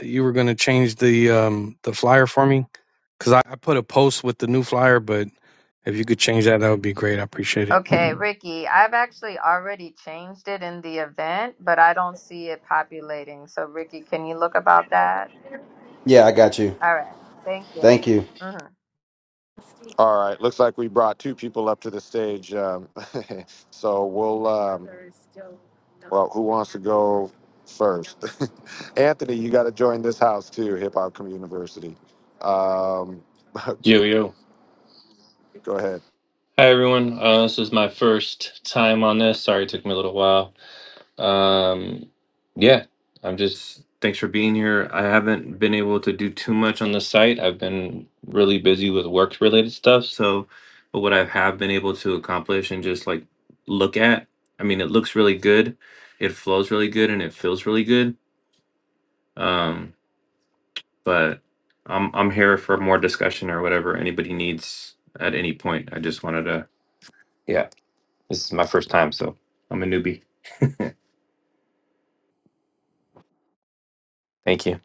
[SPEAKER 8] you were going to change the um the flyer for me because I, I put a post with the new flyer, but if you could change that, that would be great. I appreciate it.
[SPEAKER 3] Okay, Ricky, I've actually already changed it in the event, but I don't see it populating. So, Ricky, can you look about that?
[SPEAKER 2] Yeah, I got you.
[SPEAKER 3] All right. Thank you.
[SPEAKER 2] Thank you.
[SPEAKER 3] hmm
[SPEAKER 1] All right. Looks like we brought two people up to the stage. Um, so we'll. Uh, who wants to go first? Anthony, you got to join this house too, Hip Hop Community University. Um,
[SPEAKER 9] Yo, yo.
[SPEAKER 1] go ahead.
[SPEAKER 9] Hi, everyone. Uh, this is my first time on this. Sorry it took me a little while. Um, yeah, I'm just, thanks for being here. I haven't been able to do too much on the site. I've been really busy with work related stuff. So, but what I have been able to accomplish and just like look at, I mean, it looks really good. It flows really good and it feels really good. Um, but I'm, I'm here for more discussion or whatever anybody needs at any point. I just wanted to. Yeah. This is my first time, so I'm a newbie. Thank you.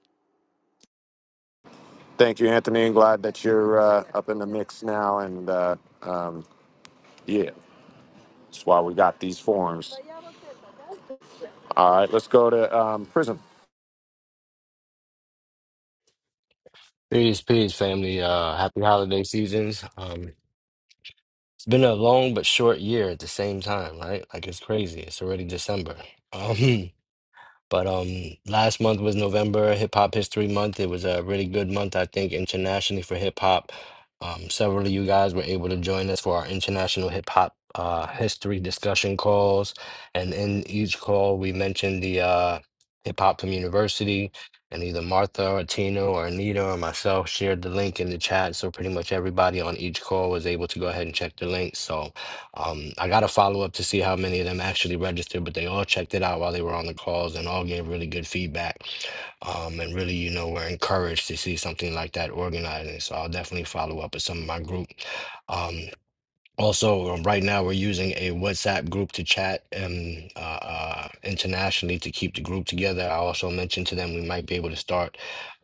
[SPEAKER 1] Thank you, Anthony. and glad that you're uh, up in the mix now. And uh, um, yeah, that's why we got these forums. All right, let's go to um, Prism.
[SPEAKER 10] Peace, peace, family. Uh, happy holiday seasons. Um, it's been a long but short year at the same time, right? Like it's crazy. It's already December. Um, But um, last month was November Hip Hop History Month. It was a really good month, I think, internationally for hip hop. Um, several of you guys were able to join us for our international hip hop uh, history discussion calls, and in each call we mentioned the uh, hip hop from university, and either Martha or Tina or Anita or myself shared the link in the chat. So pretty much everybody on each call was able to go ahead and check the link. So um, I got to follow up to see how many of them actually registered, but they all checked it out while they were on the calls and all gave really good feedback. Um, and really, you know, were encouraged to see something like that organizing. So I'll definitely follow up with some of my group. Um, also, um, right now we're using a WhatsApp group to chat um, uh, uh, internationally to keep the group together. I also mentioned to them we might be able to start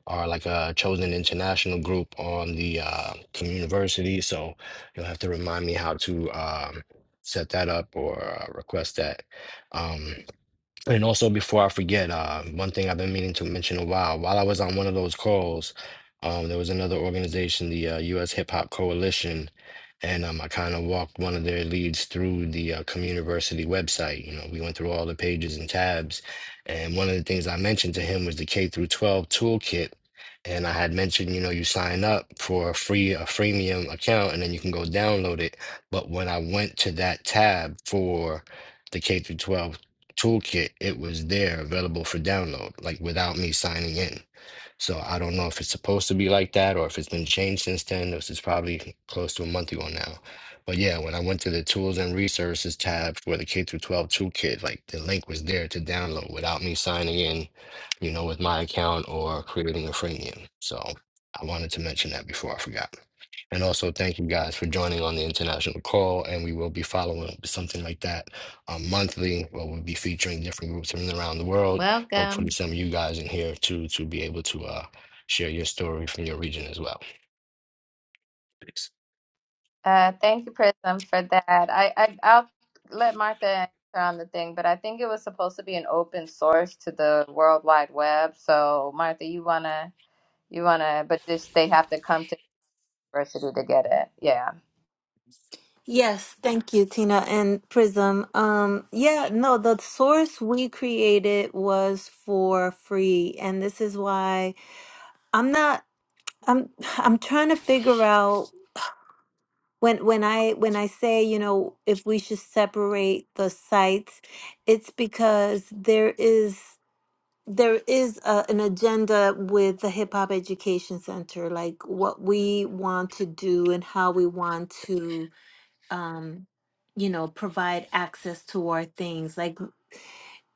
[SPEAKER 10] our like a chosen international group on the uh, from university. So you'll have to remind me how to um, set that up or uh, request that. Um, and also, before I forget, uh, one thing I've been meaning to mention a while, while I was on one of those calls, um, there was another organization, the uh, U.S. Hip Hop Coalition, and um, I kind of walked one of their leads through the uh, Communiversity website. You know, we went through all the pages and tabs, and one of the things I mentioned to him was the K through 12 toolkit. And I had mentioned, you know, you sign up for a free, a freemium account, and then you can go download it. But when I went to that tab for the K through 12 toolkit, it was there available for download, like without me signing in. So I don't know if it's supposed to be like that or if it's been changed since then. This is probably close to a month ago now. But yeah, when I went to the tools and resources tab for the K through 12 toolkit, like the link was there to download without me signing in, you know, with my account or creating a freemium. So I wanted to mention that before I forgot. And also thank you guys for joining on the international call. And we will be following up with something like that um, monthly, where we'll be featuring different groups from around the world
[SPEAKER 3] Welcome.
[SPEAKER 10] hopefully some of you guys in here too to be able to uh, share your story from your region as well. Thanks.
[SPEAKER 3] Uh, thank you, Prism, for that. I, I I'll let Martha answer on the thing, but I think it was supposed to be an open source to the World Wide Web. So Martha, you wanna you wanna, but just they have to come to university to get it. Yeah.
[SPEAKER 4] Yes, thank you, Tina and Prism. Um, yeah, no, the source we created was for free, and this is why I'm not. I'm I'm trying to figure out. When when I when I say, you know, if we should separate the sites, it's because there is there is a, an agenda with the Hip Hop Education Center, like what we want to do and how we want to, um, you know, provide access to our things. Like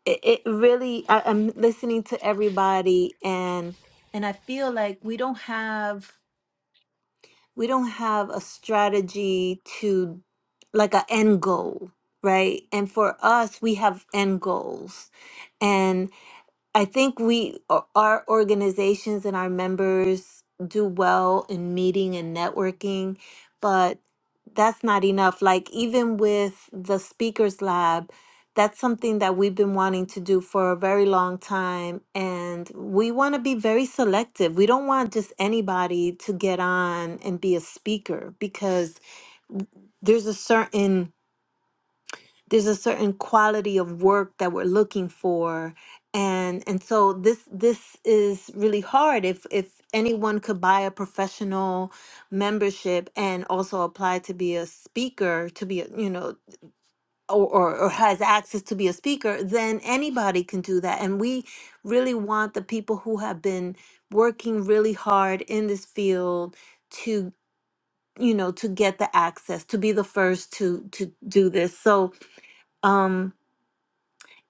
[SPEAKER 4] it, it really, I, I'm listening to everybody and and I feel like we don't have we don't have a strategy to like an end goal right and for us we have end goals and I think we, o- our organizations and our members do well in meeting and networking, but that's not enough. Like, even with the Speakers Lab, that's something that we've been wanting to do for a very long time. And we want to be very selective. We don't want just anybody to get on and be a speaker because there's a certain there's a certain quality of work that we're looking for and and so this this is really hard if if anyone could buy a professional membership and also apply to be a speaker to be a, you know or, or or has access to be a speaker then anybody can do that and we really want the people who have been working really hard in this field to you know to get the access to be the first to to do this so um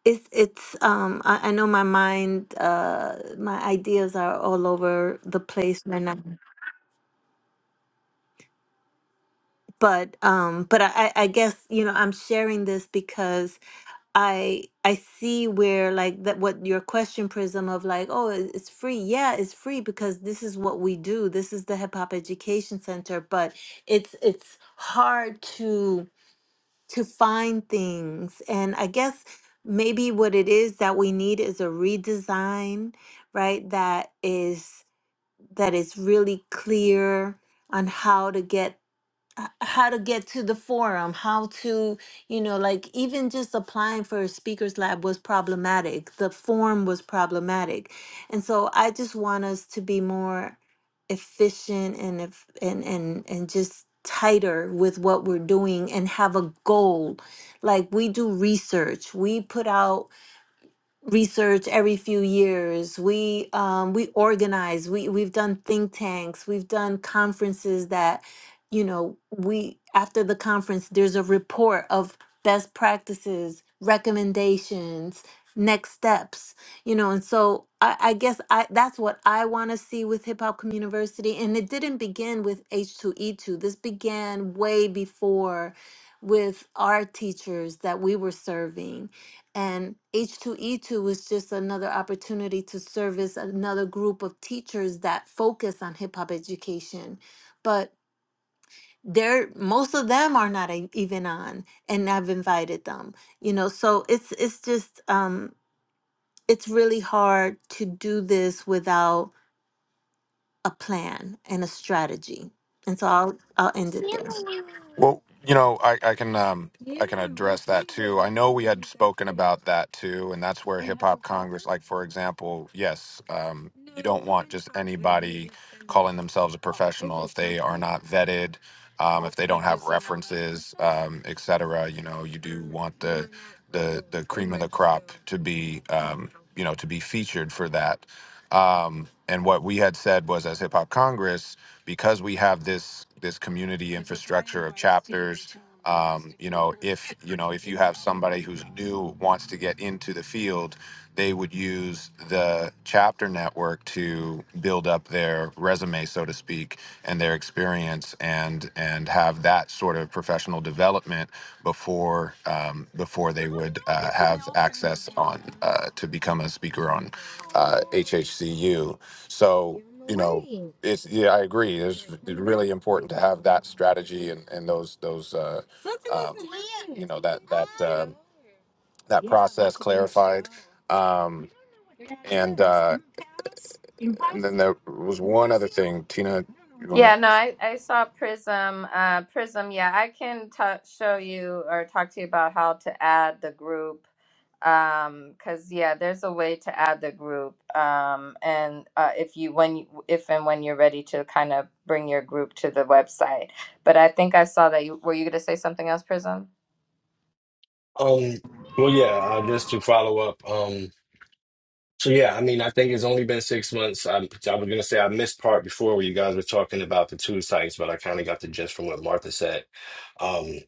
[SPEAKER 4] it's it's um I, I know my mind uh my ideas are all over the place right now. Mhm. But um but I, I I guess you know I'm sharing this because I I see where like that what your question prism of like oh it- it's free yeah it's free because this is what we do this is the hip hop education center but it's it's hard to to find things. And I guess maybe what it is that we need is a redesign, right? That is that is really clear on how to get h- how to get to the forum, how to, you know, like even just applying for a speaker's lab was problematic. The form was problematic. And so I just want us to be more efficient and if and and and just tighter with what we're doing and have a goal. Like we do research. We put out research every few years. We um, we organize. We we've done think tanks. We've done conferences that, you know, we after the conference there's a report of best practices, recommendations, next steps. You know, and so I, I guess I that's what I want to see with Hip Hop Community University. And it didn't begin with H two E two. This began way before with our teachers that we were serving and H2E2 was just another opportunity to service another group of teachers that focus on hip hop education. But they're most of them are not e- even on, and I've invited them. You know, so it's it's just um, it's really hard to do this without a plan and a strategy. And so I'll I'll end it there.
[SPEAKER 1] Well, you know, I, I can um I can address that too. I know we had spoken about that too, and that's where hip Congress, like for example, yes, um, calling themselves a prof- not vetted, um, um, et cetera, you know, you, to be you know to be featured for that. Um, and what we had said was, as Hip Hop Congress, because we have this this community if you know if you have somebody who's new wants to get into the field they would use the chapter network to build up their resume so to speak and their experience and and have that sort of professional development before um, before they would uh, have access on uh, to become a speaker on uh, HHCU so it's yeah I agree it's really important to have that strategy and, and those those uh, uh, know that that process clarified. Um, and uh, and then there was one other thing, Tina. You wanna?
[SPEAKER 3] Yeah, no, I, I saw Prism. Uh, Prism, yeah, I can ta show you or talk to you about how to add the group. Um, 'cause yeah, there's a way to add the group. Um, and uh, if you when you, if and when you're ready to kind of bring your group to the website. But I think I saw that you were you gonna say something else, Prism?
[SPEAKER 10] Um, well, yeah, uh, just to follow up. Um, so yeah, I mean, I think it's only been six months. I, I was gonna say I missed part before where you guys were talking about the two sites, but I kind of got the gist from what Martha said. Um,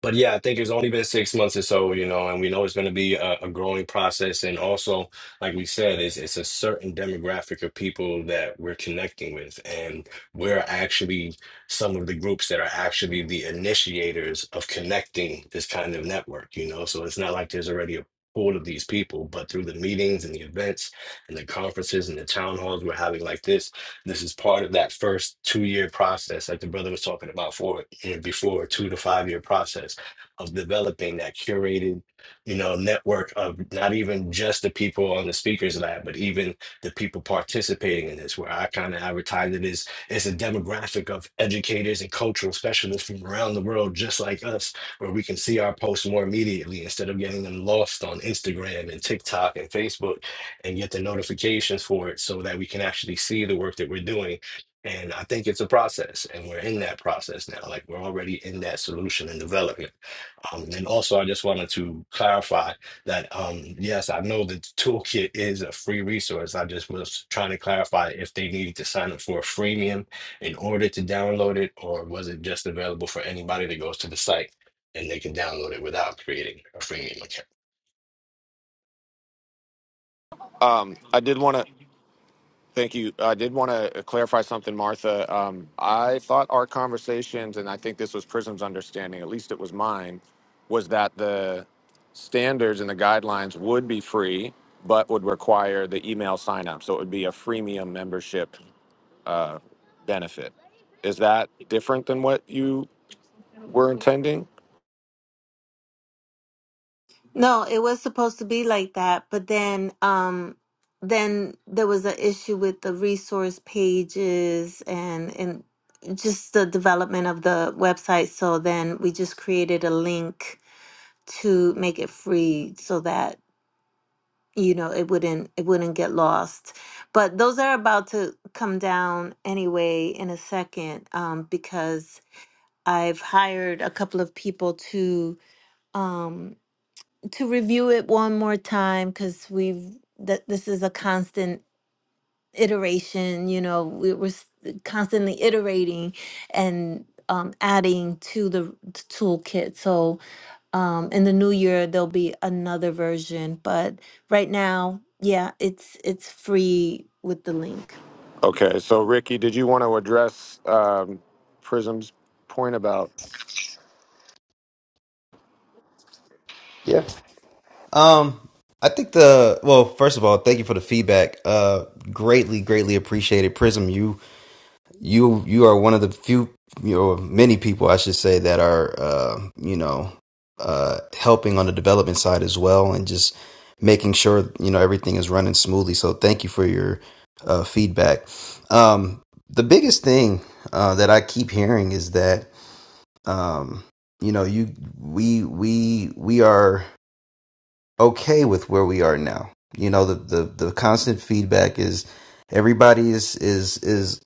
[SPEAKER 10] But yeah, I think it's only been six months or so, you know, and we know it's going to be a, a growing process. And also, like we said, it's, it's a certain demographic of people that we're connecting with. And we're actually some of the groups that are actually the initiators of connecting this kind of network, you know. So it's not like there's already a pool of these people, but through the meetings and the events and the conferences and the town halls we're having like this, this is part of that first two year process, like the brother was talking about for and before, two to five year process of developing that curated, you know, network of not even just the people on the speakers lab, but even the people participating in this. Where I kind of advertise it as it's a demographic of educators and cultural specialists from around the world, just like us, where we can see our posts more immediately instead of getting them lost on Instagram and TikTok and Facebook and get the notifications for it so that we can actually see the work that we're doing. And I think it's a process, and we're in that process now. Like we're already in that solution and development. Um, and also, I just wanted to clarify that um, yes, I know that the toolkit is a free resource. I just was trying to clarify if they needed to sign up for a freemium in order to download it, or was it just available for anybody that goes to the site and they can download it without creating a freemium account?
[SPEAKER 1] Um, I did want to thank you. I did want to clarify something, Martha. Um, I thought our conversations, and I think this was Prism's understanding, at least it was mine, was that the standards and the guidelines would be free, but would require the email sign up. So it would be a freemium membership uh, benefit. Is that different than what you were intending?
[SPEAKER 4] No, it was supposed to be like that, but then um then there was an issue with the resource pages and and just the development of the website. So then we just created a link to make it free so that you know it wouldn't it wouldn't get lost. But those are about to come down anyway in a second um because I've hired a couple of people to um to review it one more time because we've that this is a constant iteration you know we were s- constantly iterating and um, adding to the t- toolkit so um, in the new year there'll be another version but right now yeah it's it's free with the link
[SPEAKER 1] Okay, so Ricky, did you want to address um, Prism's point about
[SPEAKER 2] Yeah. um, I think the well, first of all, thank you for the feedback. Uh, greatly, greatly appreciated, Prism. You you you are one of the few you know many people I should say that are uh, you know uh, helping on the development side as well and just making sure you know everything is running smoothly. So thank you for your uh, feedback. Um, the biggest thing uh, that I keep hearing is that um, you know you we we we are okay with where we are now. You know the the, the constant feedback is everybody is is is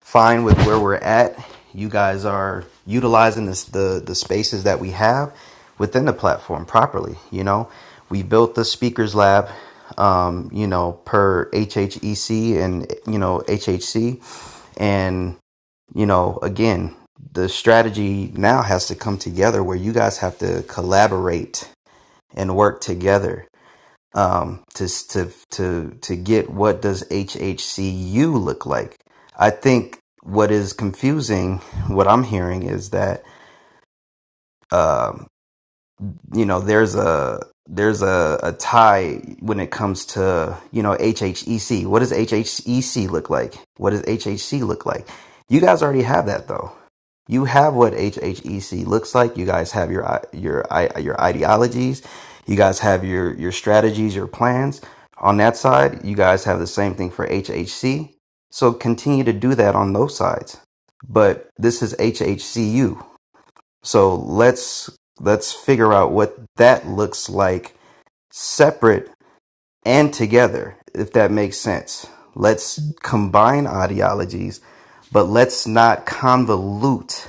[SPEAKER 2] fine with where we're at. You guys are utilizing this, the the spaces that we have within the platform properly. You know, we built the speakers lab. Um, you know, per HHEC and you know HHC, and you know again, the strategy now has to come together where you guys have to collaborate and work together um, to to to to get what does HHCU look like. I think what is confusing, what I'm hearing is that um, you know there's a there's a, a tie when it comes to you know HHEC. What does HHEC look like? What does HHC look like? You guys already have that though you have what HHEC looks like. You guys have your your your ideologies. You guys have your your strategies, your plans. On that side, you guys have the same thing for HHC. So continue to do that on those sides. But this is HHCU. So let's let's figure out what that looks like separate and together if that makes sense. Let's combine ideologies, but let's not convolute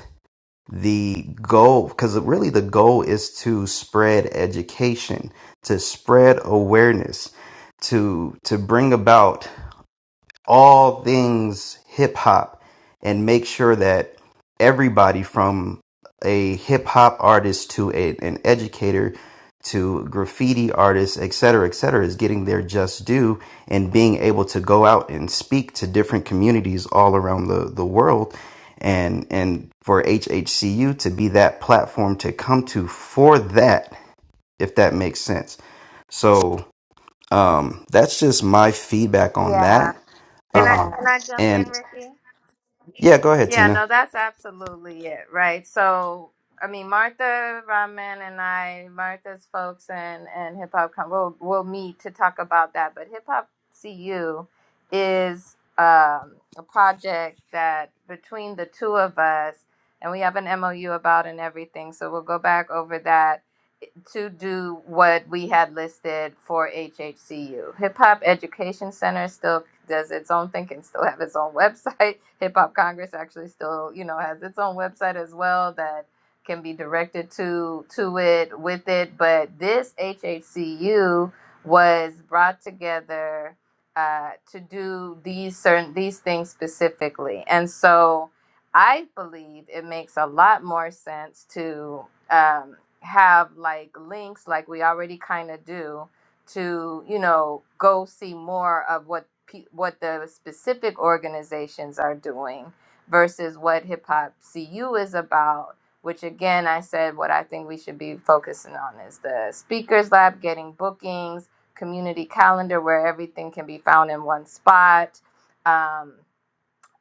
[SPEAKER 2] the goal because really the goal is to spread education to spread awareness to to bring about all things hip hop and make sure that everybody from a hip hop artist to a, an educator to graffiti artists, et cetera, et cetera, is getting their just due and being able to go out and speak to different communities all around the, the world. And, and for HHCU to be that platform to come to for that, if that makes sense. So um, that's just my feedback on
[SPEAKER 3] Yeah.
[SPEAKER 2] that
[SPEAKER 3] Can I
[SPEAKER 2] um,
[SPEAKER 3] can I jump in,
[SPEAKER 2] and
[SPEAKER 3] Ricky?
[SPEAKER 2] yeah, go ahead,
[SPEAKER 3] Yeah,
[SPEAKER 2] Tina.
[SPEAKER 3] no, that's absolutely it, right? So, I mean, Martha Rahman and I, Martha's folks and and Hip Hop Con, we'll we'll meet to talk about that. But Hip Hop CU is um, a project that between the two of us, and we have an MOU about and everything. So we'll go back over that to do what we had listed for HHCU. Hip Hop Education Center still does its own thing and still have its own website. Hip Hop Congress actually still, you know, has its own website as well that can be directed to to it with it. But this HHCU was brought together uh, to do these certain these things specifically, and so I believe it makes a lot more sense to. Um, have like links like we already kind of do to you know go see more of what pe- what the specific organizations are doing versus what hip hop cu is about which again i said what i think we should be focusing on is the speakers lab getting bookings community calendar where everything can be found in one spot um,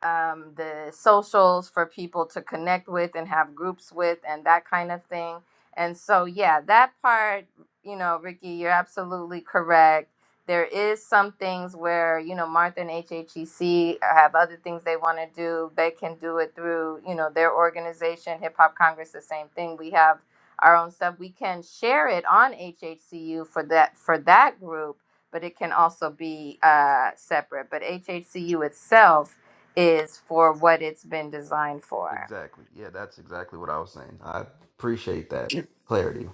[SPEAKER 3] um, the socials for people to connect with and have groups with and that kind of thing. And so, yeah, that part, you know, Ricky, you're absolutely correct. There is some things where, you know, Martha and HHEC have other things they want to do. They can do it through, you know, their organization, Hip Hop Congress, the same thing. We have our own stuff. We can share it on HHCU for that for that group, but it can also be uh, separate. But HHCU itself is for what it's been designed for.
[SPEAKER 2] Exactly. Yeah, that's exactly what I was saying. I appreciate that clarity.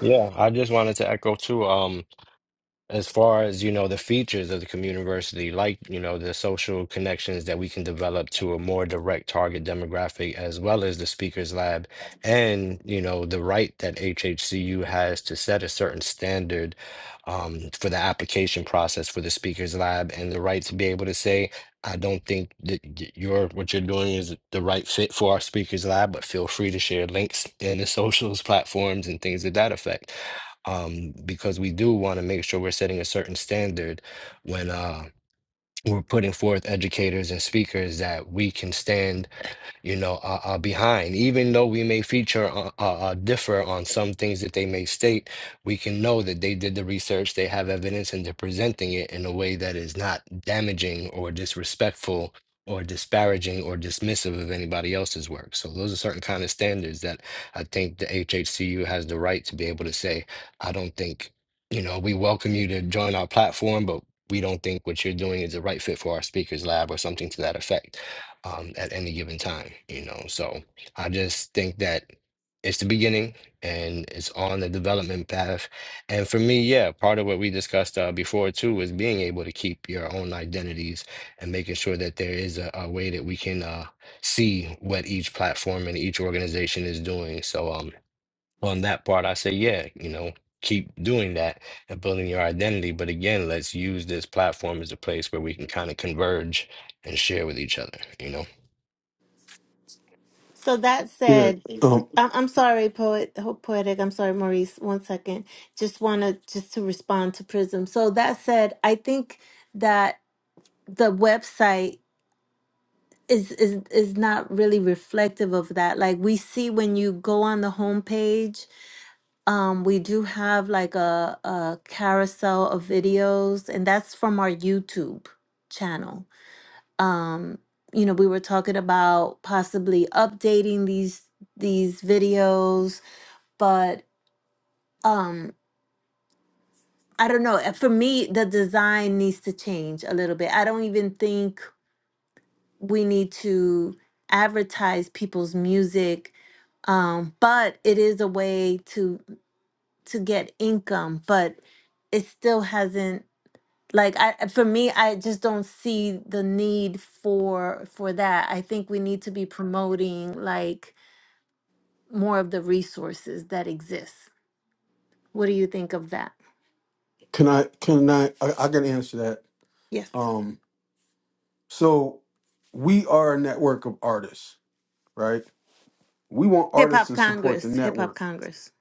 [SPEAKER 10] Yeah, I just wanted to echo too. Um, as far as you know the features of the community university like you know the social connections that we can develop to a more direct target demographic as well as the speakers lab and you know the right that hhcu has to set a certain standard um, for the application process for the speakers lab and the right to be able to say i don't think that y- your what you're doing is the right fit for our speakers lab but feel free to share links in the socials platforms and things of that effect um, because we do want to make sure we're setting a certain standard when uh, we're putting forth educators and speakers that we can stand you know, uh, uh, behind. Even though we may feature uh, uh, uh, differ on some things that they may state, we can know that they did the research, they have evidence, and they're presenting it in a way that is not damaging or disrespectful or disparaging or dismissive of anybody else's work. So those are certain kind of standards that I think the HHCU has the right to be able to say, I don't think, you know, we welcome you to join our platform, but we don't think what you're doing is the right fit for our speakers lab or something to that effect um, at any given time, you know. So I just think that it's the beginning and it's on the development path. And for me, yeah, part of what we discussed uh, before too is being able to keep your own identities and making sure that there is a, a way that we can uh, see what each platform and each organization is doing. So um, on that part, I say, yeah, you know. Keep doing that and building your identity. But again, let's use this platform as a place where we can kind of converge and share with each other, you know?
[SPEAKER 4] So that
[SPEAKER 6] Yeah.
[SPEAKER 4] said,
[SPEAKER 6] Um.
[SPEAKER 4] I- I'm sorry, poet, ho- poetic. I'm sorry, Maurice. One second. Just want to just to respond to Prism. So that said, I think that the website is is is not really reflective of that. Like we see when you go on the homepage, um, we do have like a a carousel of videos, and that's from our YouTube channel um you know we were talking about possibly updating these these videos but um i don't know uh, for me the design needs to change a little bit i don't even think we need to advertise people's music um but it is a way to to get income but it still hasn't like i for me i just don't see the need for for that i think we need to be promoting like more of the resources that exist. What do you think of that?
[SPEAKER 6] Can I? Can I? I, I can answer that.
[SPEAKER 4] Yes.
[SPEAKER 6] Um. So, we are a network of artists, right? We want
[SPEAKER 4] Hip
[SPEAKER 6] artists
[SPEAKER 4] Hop
[SPEAKER 6] to support the
[SPEAKER 4] Congress, Hip
[SPEAKER 6] network.
[SPEAKER 4] Hop Congress.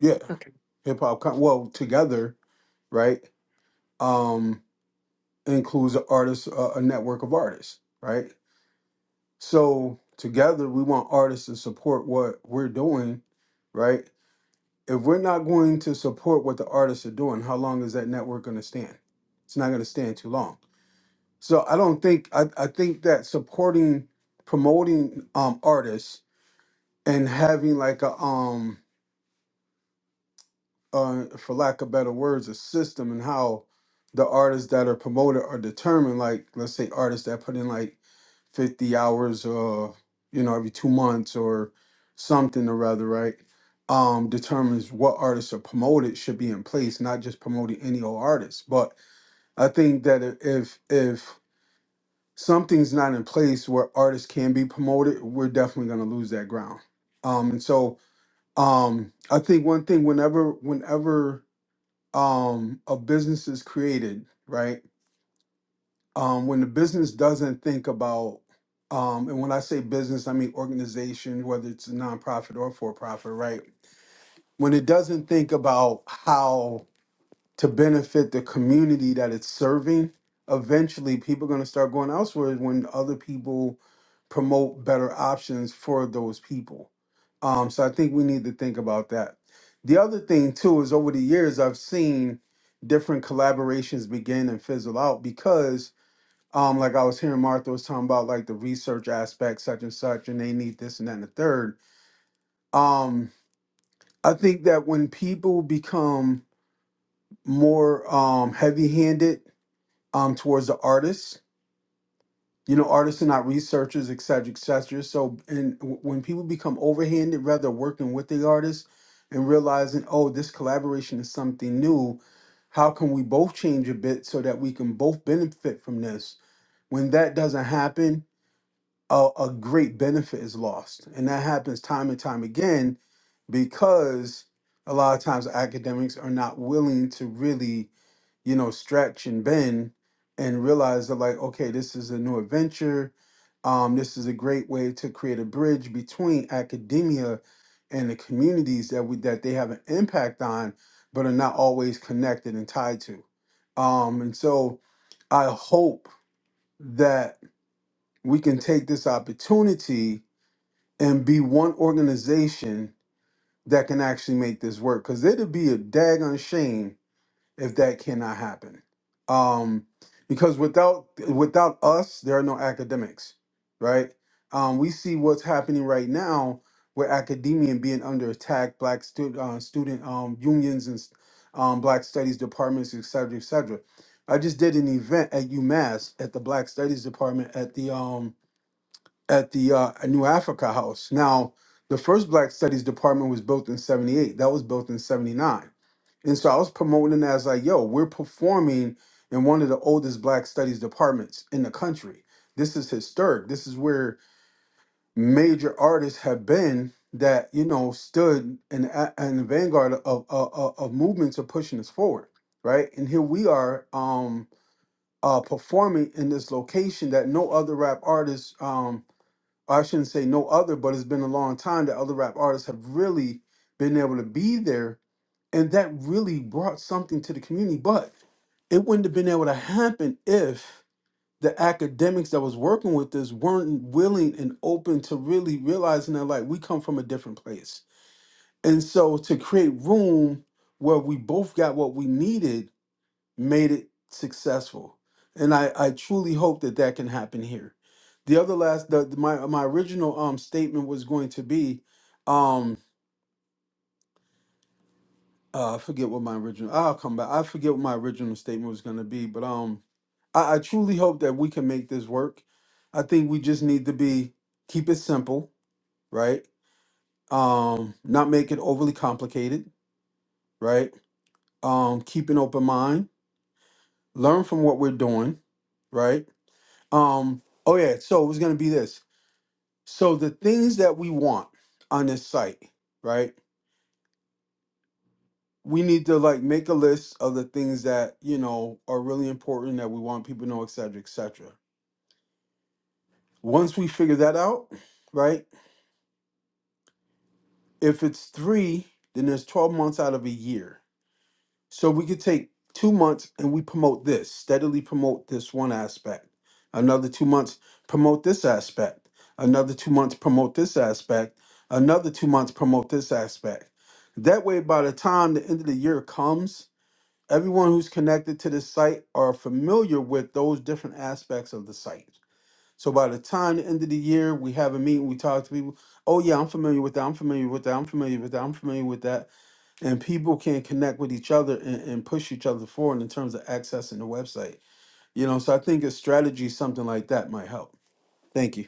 [SPEAKER 6] yeah,
[SPEAKER 4] Okay.
[SPEAKER 6] hip hop. Con- well, together, right? Um, includes an artist, uh, a network of artists, right? So together, we want artists to support what we're doing, right? If we're not going to support what the artists are doing, how long is that network going to stand? It's not going to stand too long. So I don't think I, I think that supporting, promoting um artists and having like a um uh, for lack of better words, a system and how the artists that are promoted are determined. Like, let's say artists that put in like 50 hours, uh, you know, every two months or something or rather, right? Um, determines what artists are promoted should be in place, not just promoting any old artist. But I think that i- if if something's not in place where artists can be promoted, we're definitely gonna lose that ground. Um, and so um, I think one thing whenever whenever um, a business is created, right? Um, when the business doesn't think about, um, and when I say business, I mean organization, whether it's a nonprofit or for profit, right? When it doesn't think about how to benefit the community that it's serving, eventually people are going to start going elsewhere when other people promote better options for those people. Um, so I think we need to think about that. The other thing too is over the years I've seen different collaborations begin and fizzle out because um like I was hearing Martha was talking about like the research aspect such and such and they need this and that and the third. Um I think that when people become more um heavy handed um, towards the artists. You know, artists are not researchers, et cetera, et cetera. So, and w- when people become overhanded, rather working with the artist and realizing, oh, this collaboration is something new. How can we both change a bit so that we can both benefit from this? When that doesn't happen, a, a great benefit is lost, and that happens time and time again because a lot of times academics are not willing to really you know, stretch and bend and realize that like, okay, this is a new adventure. Um, this is a great way to create a bridge between academia and the communities that we that they have an impact on, but are not always connected and tied to. Um, and so I hope that we can take this opportunity and be one organization that can actually make this work. Cause it'd be a daggone shame if that cannot happen. Um, because without without us, there are no academics, right? Um, we see what's happening right now with academia being under attack, black stu- uh, student um, unions and um, black studies departments, et cetera, et cetera. I just did an event at UMass at the Black Studies Department at the um, at the uh, New Africa House. Now, the first Black Studies Department was built in '78. That was built in '79 and so I was promoting it as like, yo, we're performing in one of the oldest black studies departments in the country. This is historic. This is where major artists have been that, you know, stood in, a- in the vanguard of, of, of of movements are pushing us forward, right? And here we are um, uh, performing in this location that no other rap artists, um, I shouldn't say no other, but it's been a long time that other rap artists have really been able to be there and that really brought something to the community. But it wouldn't have been able to happen if the academics that was working with this weren't willing and open to really realizing that like we come from a different place and so to create room where we both got what we needed made it successful and i i truly hope that that can happen here the other last the, my my original um statement was going to be um uh, I forget what my original. I'll come back. I forget what my original statement was going to be, but um, I, I truly hope that we can make this work. I think we just need to be keep it simple, right? Um, not make it overly complicated, right? Um, keep an open mind, learn from what we're doing, right? Um, oh yeah. So it was going to be this. So the things that we want on this site, right? we need to like make a list of the things that you know are really important that we want people to know, et cetera, et cetera. Once we figure that out, right? If it's three, then there's 12 months out of a year. So we could take two months and we promote this, steadily promote this one aspect. Another two months, promote this aspect. Another two months, promote this aspect. Another two months, promote this aspect. That way, by the time the end of the year comes, everyone who's connected to the site are familiar with those different aspects of the site. So by the time the end of the year, we have a meeting, we talk to people. Oh yeah, I'm familiar with that. I'm familiar with that. I'm familiar with that. I'm familiar with that. And people can connect with each other and, and push each other forward in terms of accessing the website. You know, so I think a strategy, something like that, might help. Thank you.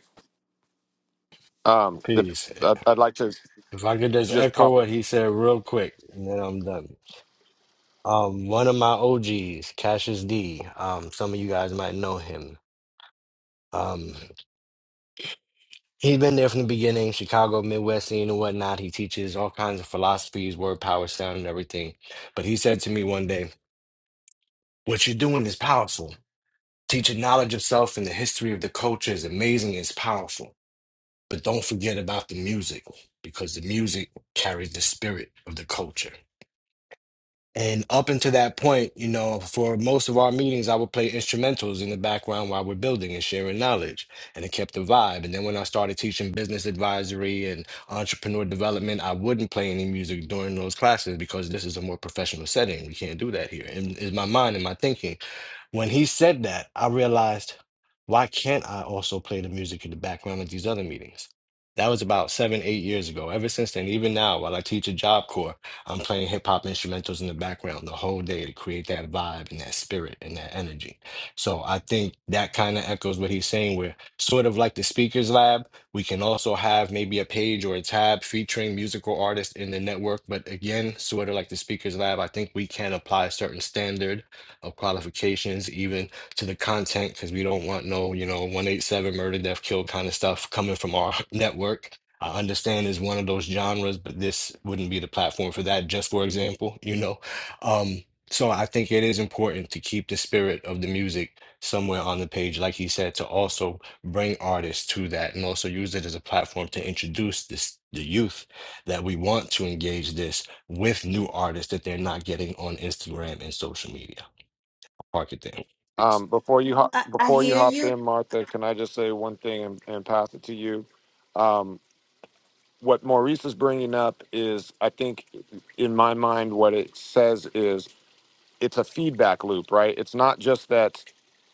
[SPEAKER 1] um,
[SPEAKER 10] Peace. If I could just
[SPEAKER 1] just
[SPEAKER 10] echo
[SPEAKER 1] pop
[SPEAKER 10] what he said real quick, and then I'm done. Um, one of my OGs, Cassius D. Um, some of you guys might know him. Um, he's been there from the beginning, Chicago, Midwest scene and whatnot. He teaches all kinds of philosophies, word, power, sound, and everything. But he said to me one day, "What you're doing is powerful. Teaching knowledge of self and the history of the culture is amazing. It's powerful." But don't forget about the music because the music carries the spirit of the culture. And up until that point, you know, for most of our meetings, I would play instrumentals in the background while we're building and sharing knowledge. And it kept the vibe. And then when I started teaching business advisory and entrepreneur development, I wouldn't play any music during those classes because this is a more professional setting. We can't do that here. And is my mind and my thinking. When he said that, I realized, why can't I also play the music in the background at these other meetings? That was about seven, eight years ago. Ever since then, even now, while I teach a job corps. I'm playing hip hop instrumentals in the background the whole day to create that vibe and that spirit and that energy. So I think that kind of echoes what he's saying, where sort of like the speakers lab, we can also have maybe a page or a tab featuring musical artists in the network. But again, sort of like the speakers lab, I think we can apply a certain standard of qualifications even to the content because we don't want no, you know, 187 murder, death, kill kind of stuff coming from our network I understand is one of those genres, but this wouldn't be the platform for that, just for example, you know. Um, so I think it is important to keep the spirit of the music somewhere on the page, like he said, to also bring artists to that and also use it as a platform to introduce this the youth that we want to engage this with new artists that they're not getting on Instagram and social media. Park it down. Peace.
[SPEAKER 1] um, before you hop
[SPEAKER 4] I, I
[SPEAKER 1] before you
[SPEAKER 4] hear
[SPEAKER 1] hop
[SPEAKER 4] you.
[SPEAKER 1] in, Martha? Can I just say one thing and, and pass it to you? Um, what Maurice is bringing up is, I think, in my mind, what it says is it's a feedback loop, right? It's not just that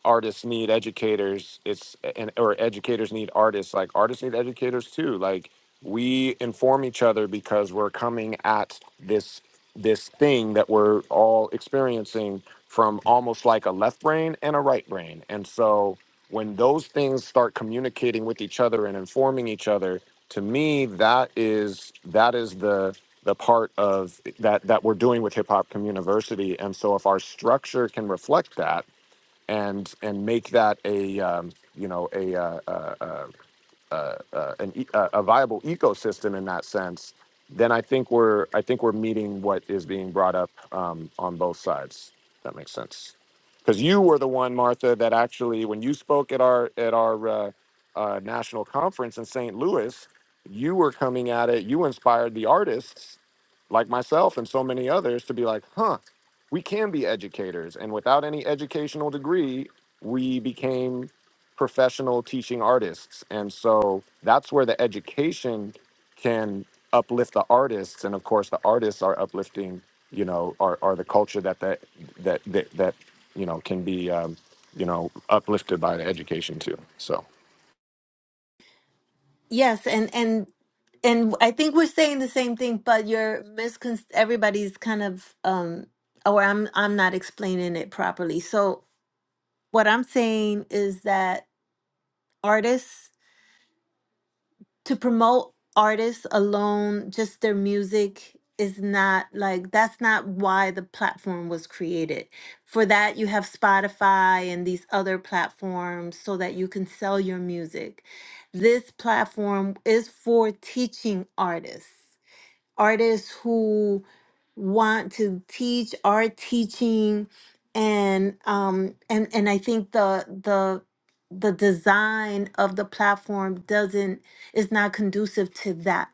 [SPEAKER 1] artists need educators, it's and or educators need artists. Like artists need educators too. Like we inform each other because we're coming at this this thing that we're all experiencing from almost like a left brain and a right brain. And so when those things start communicating with each other and informing each other, to me that is that is the the part of that that we're doing with Hip Hop Community. And so, if our structure can reflect that and and make that a um, you know a, uh, uh, uh, uh, uh, an, e- uh, a viable ecosystem in that sense, then I think we're I think we're meeting what is being brought up um, on both sides. If that makes sense, because you were the one, Martha, that actually when you spoke at our at our uh, uh, national conference in St. Louis, you were coming at it. You inspired the artists like myself and so many others to be like, huh, we can be educators, and without any educational degree, we became professional teaching artists. And so that's where the education can uplift the artists. And of course the artists are uplifting, you know, are, are the culture that, that, that, that, that, you know, can be, um, you know, uplifted by the education too. So.
[SPEAKER 4] Yes, and and and I think we're saying the same thing, but you're miscon everybody's kind of um or I'm I'm not explaining it properly. So what I'm saying is that artists to promote artists alone, just their music is not like that's not why the platform was created. For that, you have Spotify and these other platforms so that you can sell your music. This platform is for teaching artists artists who want to teach are teaching and um and and I think the the the design of the platform doesn't is not conducive to that.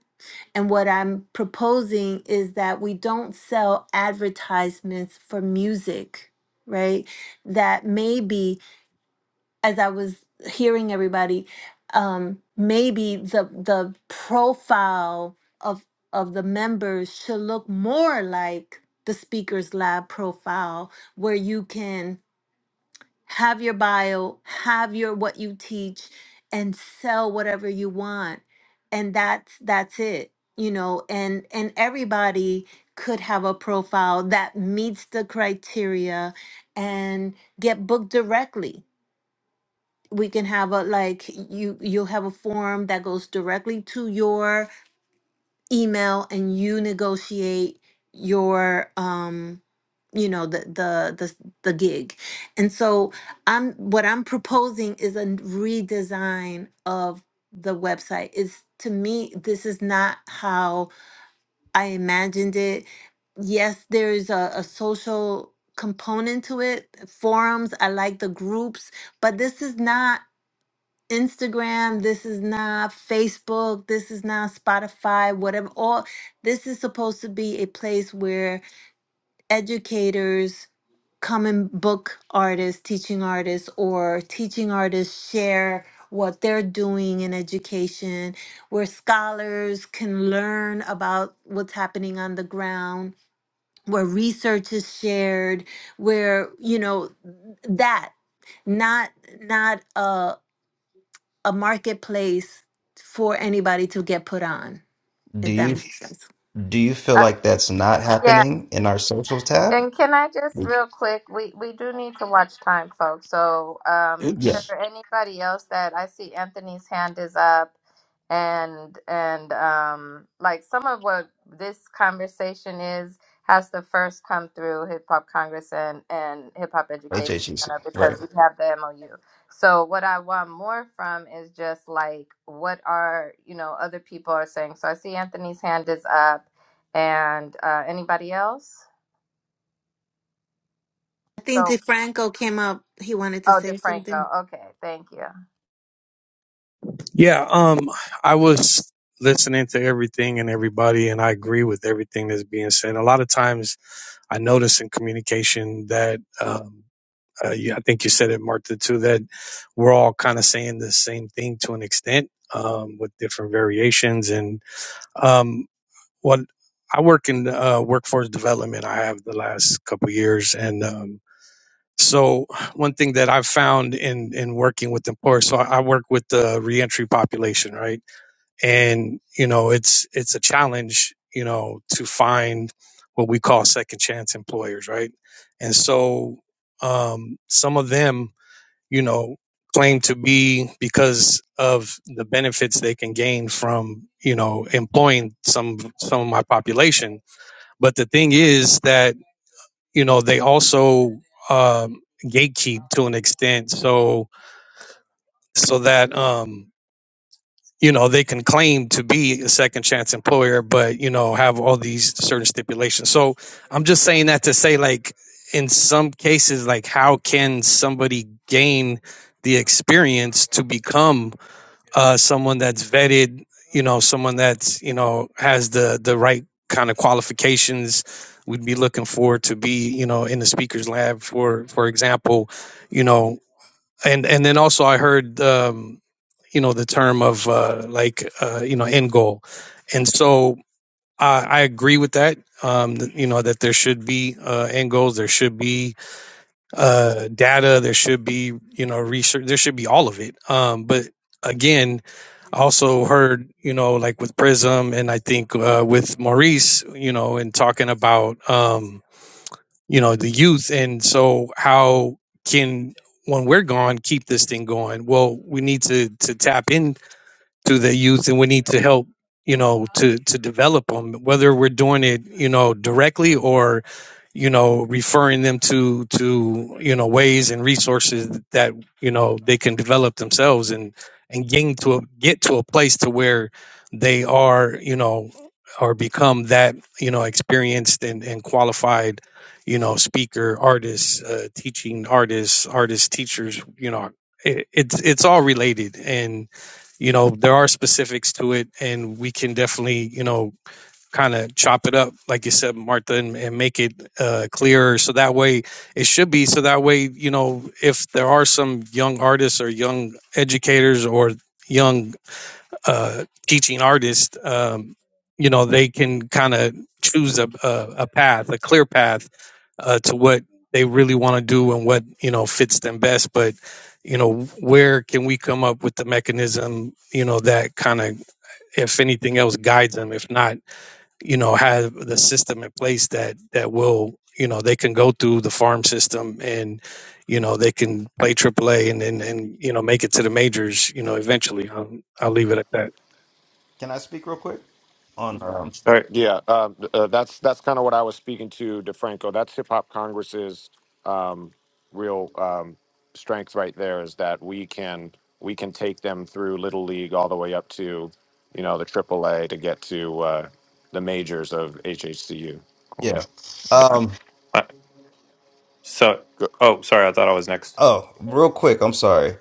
[SPEAKER 4] And what I'm proposing is that we don't sell advertisements for music, right? That maybe as I was hearing everybody, um, maybe the the profile of of the members should look more like the speakers lab profile, where you can have your bio, have your what you teach, and sell whatever you want, and that's that's it, you know. And and everybody could have a profile that meets the criteria and get booked directly we can have a like you you'll have a form that goes directly to your email and you negotiate your um you know the the the, the gig and so i'm what i'm proposing is a redesign of the website is to me this is not how i imagined it yes there's a, a social component to it forums i like the groups but this is not Instagram, this is not Facebook, this is not Spotify, whatever. All this is supposed to be a place where educators come and book artists, teaching artists, or teaching artists share what they're doing in education, where scholars can learn about what's happening on the ground, where research is shared, where, you know, that not not a a marketplace for anybody to get put on,
[SPEAKER 2] Do
[SPEAKER 4] if that
[SPEAKER 2] you
[SPEAKER 4] makes sense.
[SPEAKER 2] do you feel
[SPEAKER 3] Uh,
[SPEAKER 2] like that's not
[SPEAKER 3] yeah,
[SPEAKER 2] happening in our socials tab?
[SPEAKER 3] And can I just real quick, we we do need to watch time, folks. So, um, is
[SPEAKER 6] It's
[SPEAKER 3] there anybody else that I see Anthony's hand is up, and and um, like some of what this conversation is has to first come through Hip Hop Congress and and Hip Hop Education
[SPEAKER 2] HHEC.
[SPEAKER 3] Center
[SPEAKER 2] Right.
[SPEAKER 3] because we have the MOU. So, what I want more from is just like what are you know other people are saying. So, I see Anthony's hand is up, and uh, anybody else?
[SPEAKER 4] I think
[SPEAKER 3] So.
[SPEAKER 4] DeFranco came up. He wanted to
[SPEAKER 3] Oh,
[SPEAKER 4] say something.
[SPEAKER 3] DeFranco. Okay, thank you.
[SPEAKER 8] Yeah, um, I was listening to everything and everybody, and I agree with everything that's being said. A lot of times, I notice in communication that um, uh, you, I think you said it, Martha, too, that we're all kind of saying the same thing to an extent. Um, with different variations, and um, well i work in uh, workforce development i have the last couple of years and um, so one thing that i've found in in working with employers so i I work with the reentry population right and you know it's it's a challenge you know to find what we call second chance employers right and so um, some of them you know claim to be because of the benefits they can gain from you know employing some some of my population but the thing is that you know they also um, gatekeep to an extent, so so that um, you know they can claim to be a second chance employer, but you know have all these certain stipulations. So I'm just saying that to say like in some cases, like how can somebody gain the experience to become uh, someone that's vetted, you know, someone that's you know has the the right kind of qualifications. We'd be looking for to be you know in the speakers lab for for example, you know, and and then also I heard um, you know the term of uh, like uh, you know end goal, and so I, I agree with that. Um, that, you know that there should be uh, end goals. There should be uh, data. There should be, you know, research. There should be all of it. Um, but again, I also heard, you know, like with Prism and I think uh, with Maurice, you know, and talking about, um, you know, the youth. And so how can, when we're gone, keep this thing going? Well, we need to to tap in to the youth and we need to help you know to to develop them whether we're doing it you know directly or you know referring them to to you know ways and resources that you know they can develop themselves and and getting to a, get to a place to where they are you know or become that you know experienced and, and qualified you know speaker artists uh, teaching artists artists teachers you know it, it's it's all related you know there are specifics to it and we can definitely you know kind of chop it up like you said martha and, and make it uh, clearer so that way it should be so that way you know if there are some young artists or young educators or young uh, teaching artists, um, you know, they can kind of choose a, a, a path, a clear path uh, to what they really want to do and what, you know, fits them best. But, you know, where can we come up with the mechanism, you know, that kind of, if anything else, guides them? If not, you know, have the system in place that, that will, you know, they can go through the farm system and, you know, they can play AAA and, and, and, you know, make it to the majors, you know, eventually. I'll, I'll leave it at that.
[SPEAKER 2] Can I speak real quick? On um,
[SPEAKER 9] Sorry.
[SPEAKER 1] Yeah, uh, uh, that's that's kind of what I was speaking to DeFranco. That's Hip Hop Congress's um, real um, strength right there is that we can we can take them through little league all the way up to you know the AAA to get to uh, the majors of HHCU.
[SPEAKER 2] yeah. Um.
[SPEAKER 9] Uh, so, oh, sorry. I thought I was next.
[SPEAKER 2] Oh, real quick. I'm sorry.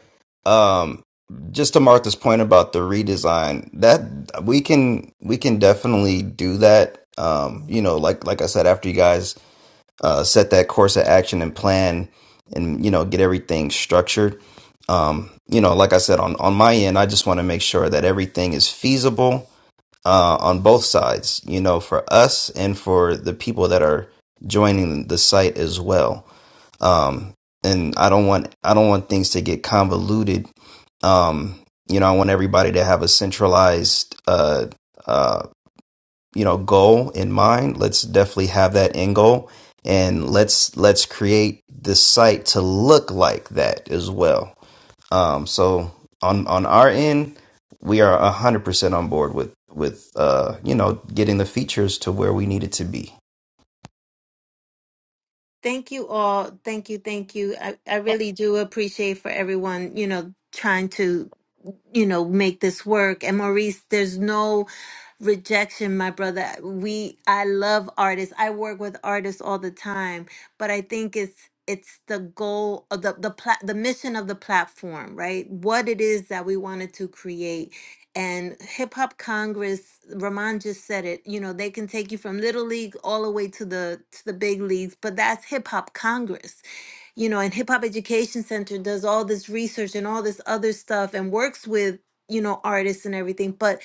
[SPEAKER 2] Um. Just to Martha's point about the redesign, that we can we can definitely do that. Um. You know, like like I said, after you guys uh, set that course of action and plan and you know get everything structured um, you know like i said on, on my end i just want to make sure that everything is feasible uh, on both sides you know for us and for the people that are joining the site as well um, and i don't want i don't want things to get convoluted um, you know i want everybody to have a centralized uh, um you know goal in mind let's definitely have that end goal and let's let's create the site to look like that as well um so on on our end we are 100% on board with with uh you know getting the features to where we need it to be
[SPEAKER 4] Thank you all. Thank you. Thank you. I, I
[SPEAKER 3] A-
[SPEAKER 4] really do appreciate for everyone, you know, trying to you know, make this work. And Maurice, there's no rejection, my brother. We I love artists. I work with artists all the time, but I think it's it's the goal of the the pla- the mission of the platform, right? What it is that we wanted to create. And Hip Hop Congress, Ramon just said it, you know, they can take you from little league all the way to the to the big leagues, but that's Hip Hop Congress you know, and Hip Hop Education Center does all this research and all this other stuff and works with, you know, artists and everything. But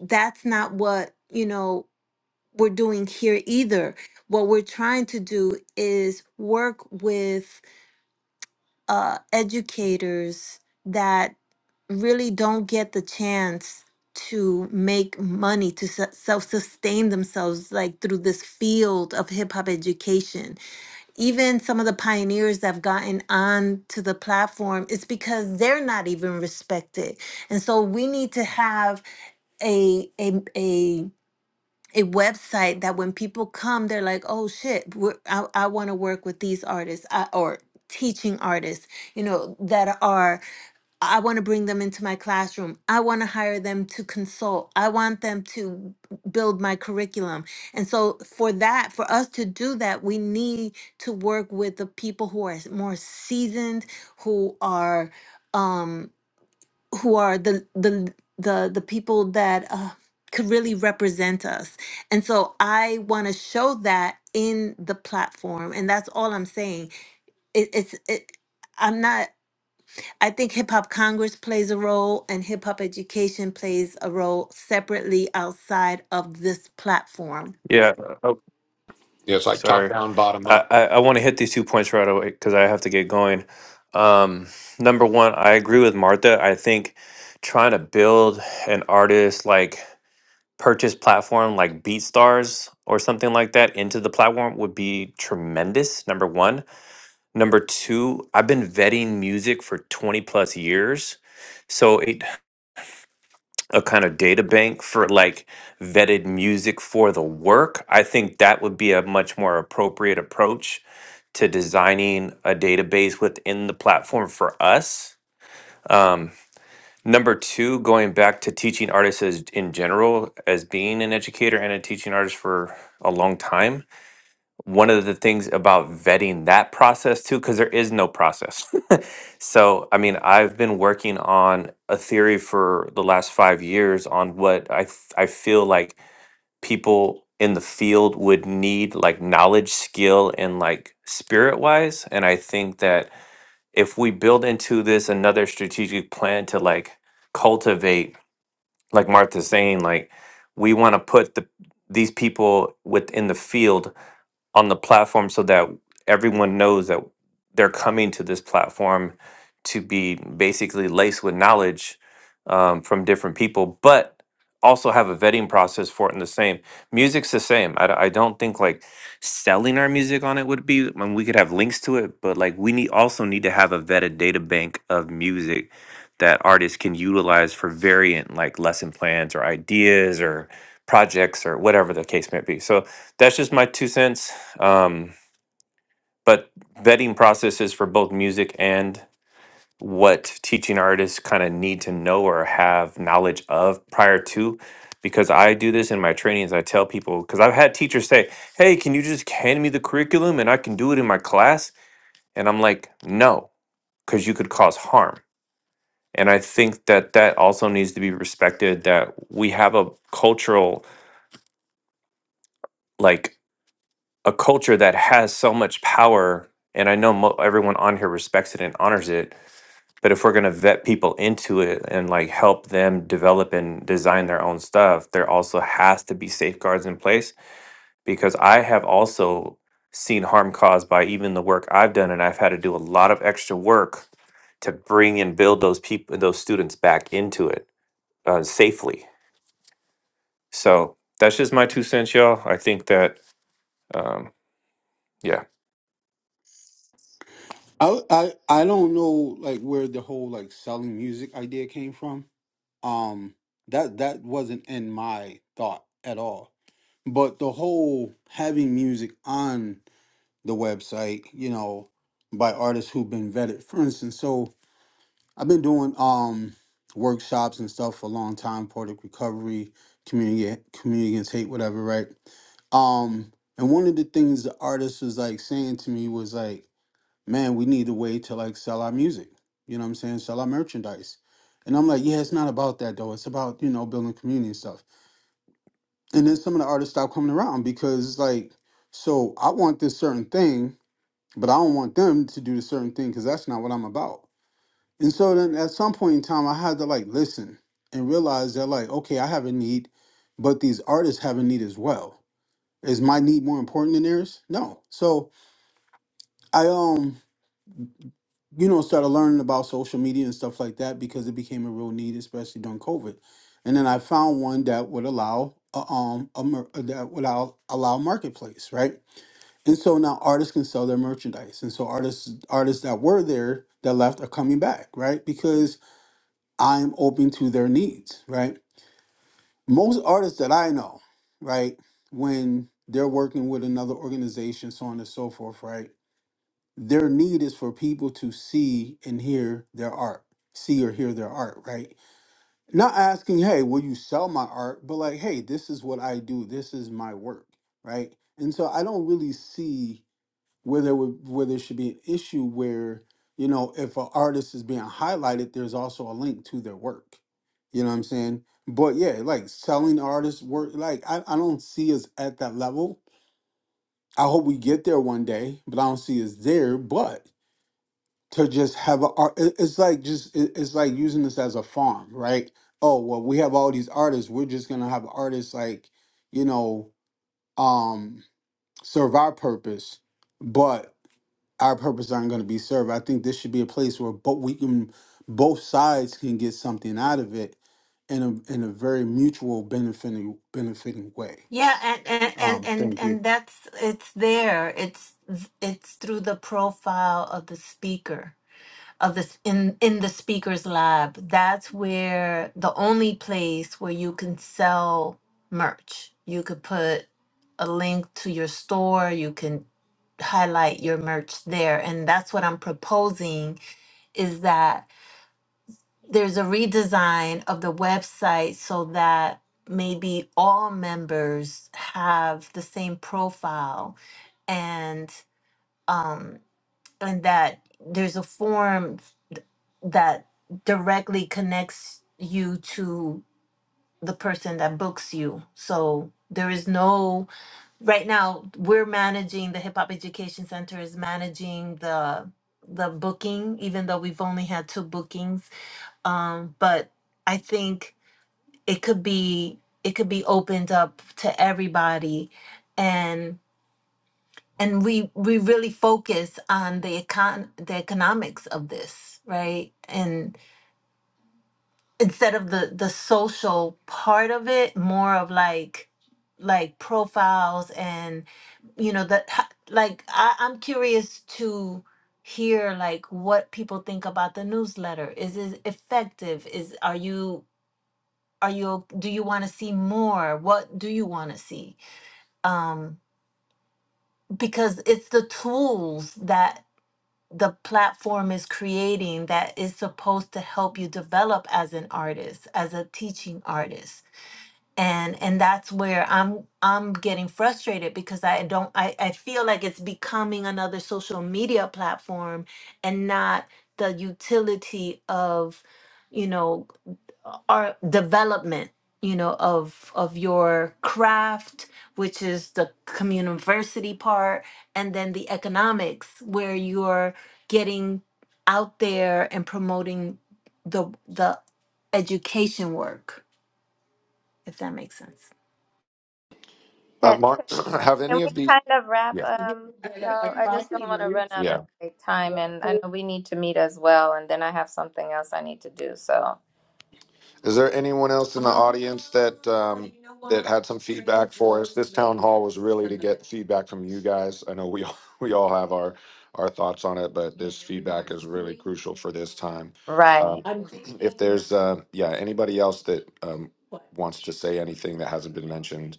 [SPEAKER 4] that's not what, you know, we're doing here either. What we're trying to do is work with uh, educators that really don't get the chance to make money to self sustain themselves like through this field of hip hop education even some of the pioneers that have gotten on to the platform it's because they're not even respected and so we need to have a a a a website that when people come they're like oh shit we're, i, I want to work with these artists I, or teaching artists you know that are I want to bring them into my classroom. I want to hire them to consult. I want them to b- build my curriculum. And so, for that, for us to do that, we need to work with the people who are s- more seasoned, who are, um, who are the the the the people that uh, could really represent us. And so, I want to show that in the platform. And that's all I'm saying. It, it's it. I'm not. I think Hip Hop Congress plays a role and hip hop education plays a role separately outside of this platform.
[SPEAKER 9] Yeah. uh, Oh, sorry. I, I, I want to hit these two points right away because I have to get going. Um, number one, I agree with Martha. I think trying to build an artist like purchase platform like BeatStars or something like that into the platform would be tremendous. Number one. Number two, I've been vetting music for 20 plus years. So it a kind of data bank for like vetted music for the work, I think that would be a much more appropriate approach to designing a database within the platform for us. Um, number two, going back to teaching artists as, in general, as being an educator and a teaching artist for a long time, one of the things about vetting that process too, because there is no process. so, I mean, I've been working on a theory for the last five years on what I, f- I feel like people in the field would need, like knowledge, skill, and like spirit wise. And I think that if we build into this another strategic plan to like cultivate, like Martha's saying, like we want to put the these people within the field on the platform so that everyone knows that they're coming to this platform to be basically laced with knowledge um, from different people, but also have a vetting process for it and the same. Music's the same. I, d- I don't think like selling our music on it would be, I mean, we could have links to it, but like we need also need to have a vetted data bank of music that artists can utilize for variant like lesson plans or ideas or projects or whatever the case may be. So that's just my two cents. Um, but vetting processes for both music and what teaching artists kind of need to know or have knowledge of prior to because I do this in my trainings. I tell people because I've had teachers say, Hey, can you just hand me the curriculum and I can do it in my class? And I'm like, No, because you could cause harm. And I think that that also needs to be respected that we have a cultural, like a culture that has so much power. And I know mo- everyone on here respects it and honors it But if we're going to vet people into it and like help them develop and design their own stuff, there also has to be safeguards in place because I have also seen harm caused by even the work I've done and I've had to do a lot of extra work to bring and build those people those students back into it uh, safely. So that's just my two cents y'all. I think that um yeah,
[SPEAKER 6] I I I don't know like where the whole like selling music idea came from. Um that that wasn't in my thought at all. But the whole having music on the website, you know, by artists who've been vetted. For instance, so I've been doing um workshops and stuff for a long time, Poetic Recovery, Community Community Against Hate, whatever, right? Um, and one of the things the artist was like saying to me was like, Man, we need a way to like sell our music. You know what I'm saying? Sell our merchandise. And I'm like, yeah, it's not about that though. It's about, you know, building community and stuff and then some of the artists stop coming around because it's like so i want this certain thing but i don't want them to do the certain thing because that's not what i'm about and so then at some point in time i had to like listen and realize that like okay i have a need but these artists have a need as well is my need more important than theirs no so i um you know started learning about social media and stuff like that because it became a real need especially during covid and then i found one that would allow uh, um a, mer- that would allow, allow marketplace right And so now artists can sell their merchandise. And so artists artists that were there that left are coming back, right? Because I'm open to their needs, right? Most artists that I know, right, when they're working with another organization, so on and so forth, right? Their need is for people to see and hear their art, see or hear their art, right? Not asking, hey, will you sell my art? But like, hey, this is what I do, this is my work, right? And so I don't really see where there would where there should be an issue where you know if an artist is being highlighted there's also a link to their work you know what i'm saying but yeah like selling artists work like i, I don't see us at that level i hope we get there one day but i don't see us there but to just have a art it- it's like just it- it's like using this as a farm right oh well we have all these artists we're just gonna have artists like you know um serve our purpose but our purpose aren't going to be served. I think this should be a place where both we can, both sides can get something out of it in a in a very mutual benefiting benefiting way.
[SPEAKER 4] Yeah, and and and
[SPEAKER 6] Um,
[SPEAKER 4] and
[SPEAKER 6] Thank you.
[SPEAKER 4] and that's it's there. It's it's through the profile of the speaker of this in in the speaker's lab. That's where the only place where you can sell merch. You could put a link to your store. You can highlight your merch there, and that's what I'm proposing is that there's a redesign of the website so that maybe all members have the same profile and um and that there's a form that directly connects you to the person that books you so there is no right now we're managing the hip hop education center is managing the the booking even though we've only had two bookings um, but I think it could be it could be opened up to everybody, and and we we really focus on the econ the economics of this, right? And instead of the the social part of it, more of like like profiles and you know that ha- like I, I'm curious to hear like what people think about the newsletter is it effective is are you are you do you want to see more what do you want to see um because it's the tools that the platform is creating that is supposed to help you develop as an artist as a teaching artist and and that's where i'm i'm getting frustrated because i don't i, I feel like it's becoming another social media platform and not the utility of you know our development you know of of your craft which is the community part and then the economics where you're getting out there and promoting the the education work if that makes sense
[SPEAKER 1] Uh,
[SPEAKER 3] Can
[SPEAKER 1] Mark, have
[SPEAKER 3] can
[SPEAKER 1] any
[SPEAKER 3] we
[SPEAKER 1] of the
[SPEAKER 3] kind of wrap,
[SPEAKER 1] yeah
[SPEAKER 3] um, y'all? I just don't want to run out
[SPEAKER 1] yeah
[SPEAKER 3] of like, time, and I know we need to meet as well, and then I have something else I need to do. So,
[SPEAKER 1] Is there anyone else in the audience that um, that had some feedback for us? This town hall was really to get feedback from you guys. I know we all, we all have our our thoughts on it, but this feedback is really crucial for this time.
[SPEAKER 3] right,
[SPEAKER 1] Um, if there's uh, yeah anybody else that um, wants to say anything that hasn't been mentioned,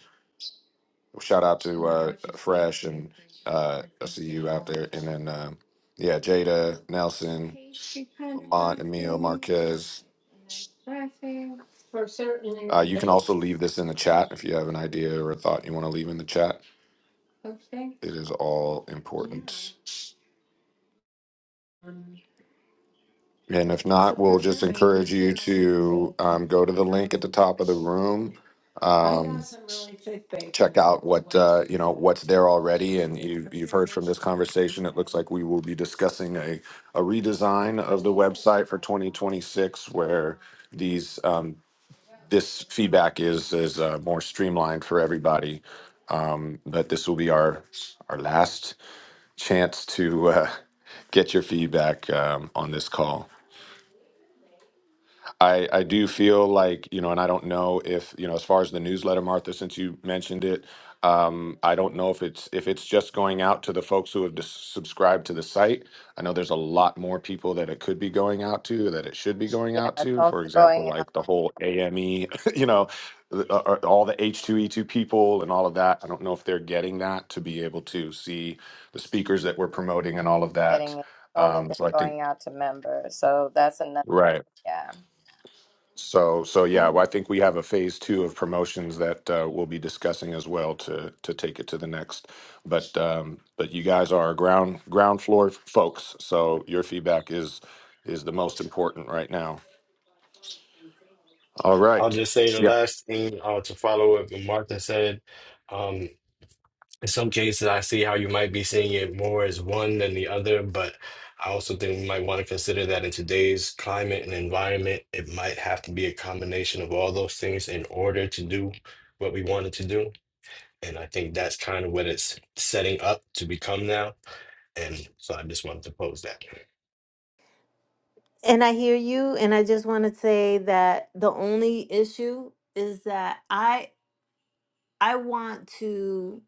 [SPEAKER 1] shout out to uh, Fresh and uh, I see you out there, and then. um yeah, Jada, Nelson, because also leave this in the chat if you have an idea or a thought you want to leave in the chat. It is all important. And if not, um, go to the link at the top of the room. Uh, check out what uh, you know what's there already. And you, you've heard from this conversation. It looks like we will be discussing a, a redesign of the website for 2026, where these um, this feedback is is uh, more streamlined for everybody. Um, but this will be our our last chance to uh, get your feedback um, on this call. I, I do feel like, you know, and I don't know if, you know, as far as the newsletter, Martha, since you mentioned it, um, I don't know if it's if it's just going out to the folks who have dis- subscribed to the site. I know there's a lot more people that it could be going out to that it should be going
[SPEAKER 3] yeah,
[SPEAKER 1] out
[SPEAKER 3] it's
[SPEAKER 1] to.
[SPEAKER 3] only
[SPEAKER 1] For example,
[SPEAKER 3] going out,
[SPEAKER 1] like the whole AME, you know, the, uh, uh, all the H2E2 people and all of that. I don't know if they're getting that to be able to see the speakers that we're promoting and all of that.
[SPEAKER 3] getting it. It's only
[SPEAKER 1] Um,
[SPEAKER 3] been
[SPEAKER 1] so I think,
[SPEAKER 3] going out to members, so that's another.
[SPEAKER 1] right.
[SPEAKER 3] Yeah.
[SPEAKER 1] So, so yeah, well, I think we have a phase two of promotions that uh, we'll be discussing as well to to take it to the next. But um, but you guys are ground ground floor folks, so your feedback is is the most important right now. All
[SPEAKER 10] I'll
[SPEAKER 1] right,
[SPEAKER 10] just say the last thing uh, to follow up what Martha said. Um, in some cases, I see how you might be seeing it more as one than the other, but I also think we might want to consider that in today's climate and environment, it might have to be a combination of all those things in order to do what we wanted to do. And I think that's kind of what it's setting up to become now. And so I just wanted to pose that.
[SPEAKER 4] and i hear you and i just want to say that the only issue is that i i want to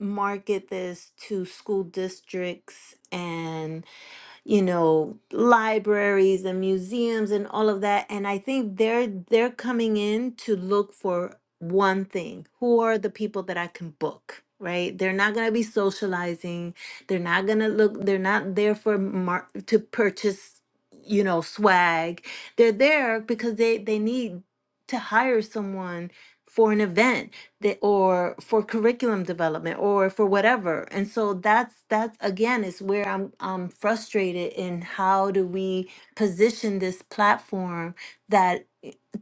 [SPEAKER 4] market this to school districts and. you know, libraries and museums and all of that. And I think they're they're coming in to look for one thing. Who are the people that I can book? Right? They're not going to be socializing. They're not going to look they're not there for mar- to purchase, you know, swag. They're there because they they need to hire someone for an event the, or for curriculum development or for whatever. And so that's that's again is where I'm I'm frustrated in how do we position this platform that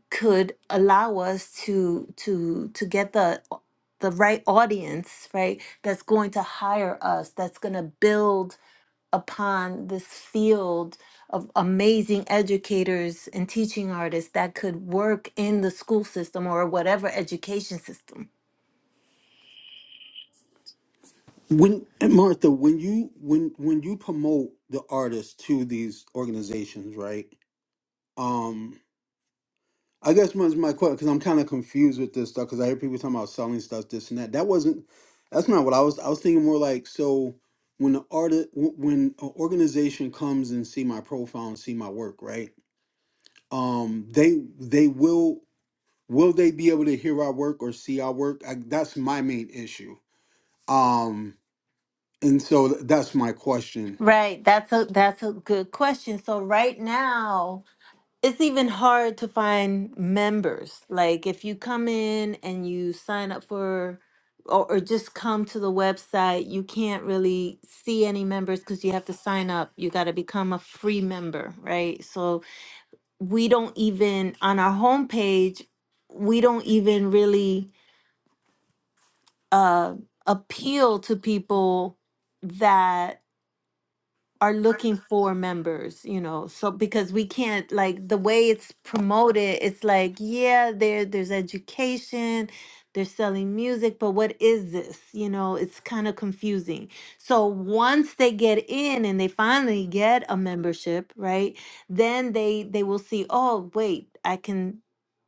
[SPEAKER 4] could allow us to to to get the the right audience, right? That's going to hire us, that's going to build upon this field of amazing educators and teaching artists that could work in the school system or whatever education system
[SPEAKER 6] When and Martha, when you when when you promote the artists to these organizations, right? Um, I guess my my question, because I'm kind of confused with this stuff, because I hear people talking about selling stuff, this and that. That wasn't, that's not what I was. I was thinking more like, so when the art, when an organization comes and see my profile and see my work, right? Um, they they will will they be able to hear our work or see our work? I, that's my main issue. Um, and so th- that's my question.
[SPEAKER 4] Right. That's a that's a good question. So right now, it's even hard to find members. Like if you come in and you sign up for or, or just come to the website, you can't really see any members because you have to sign up. You got to become a free member, right? So we don't even on our homepage, we don't even really uh appeal to people that are looking for members, you know. So because we can't like the way it's promoted, it's like, yeah, there there's education, they're selling music, but what is this? You know, it's kind of confusing. So once they get in and they finally get a membership, right? Then they they will see, oh, wait, I can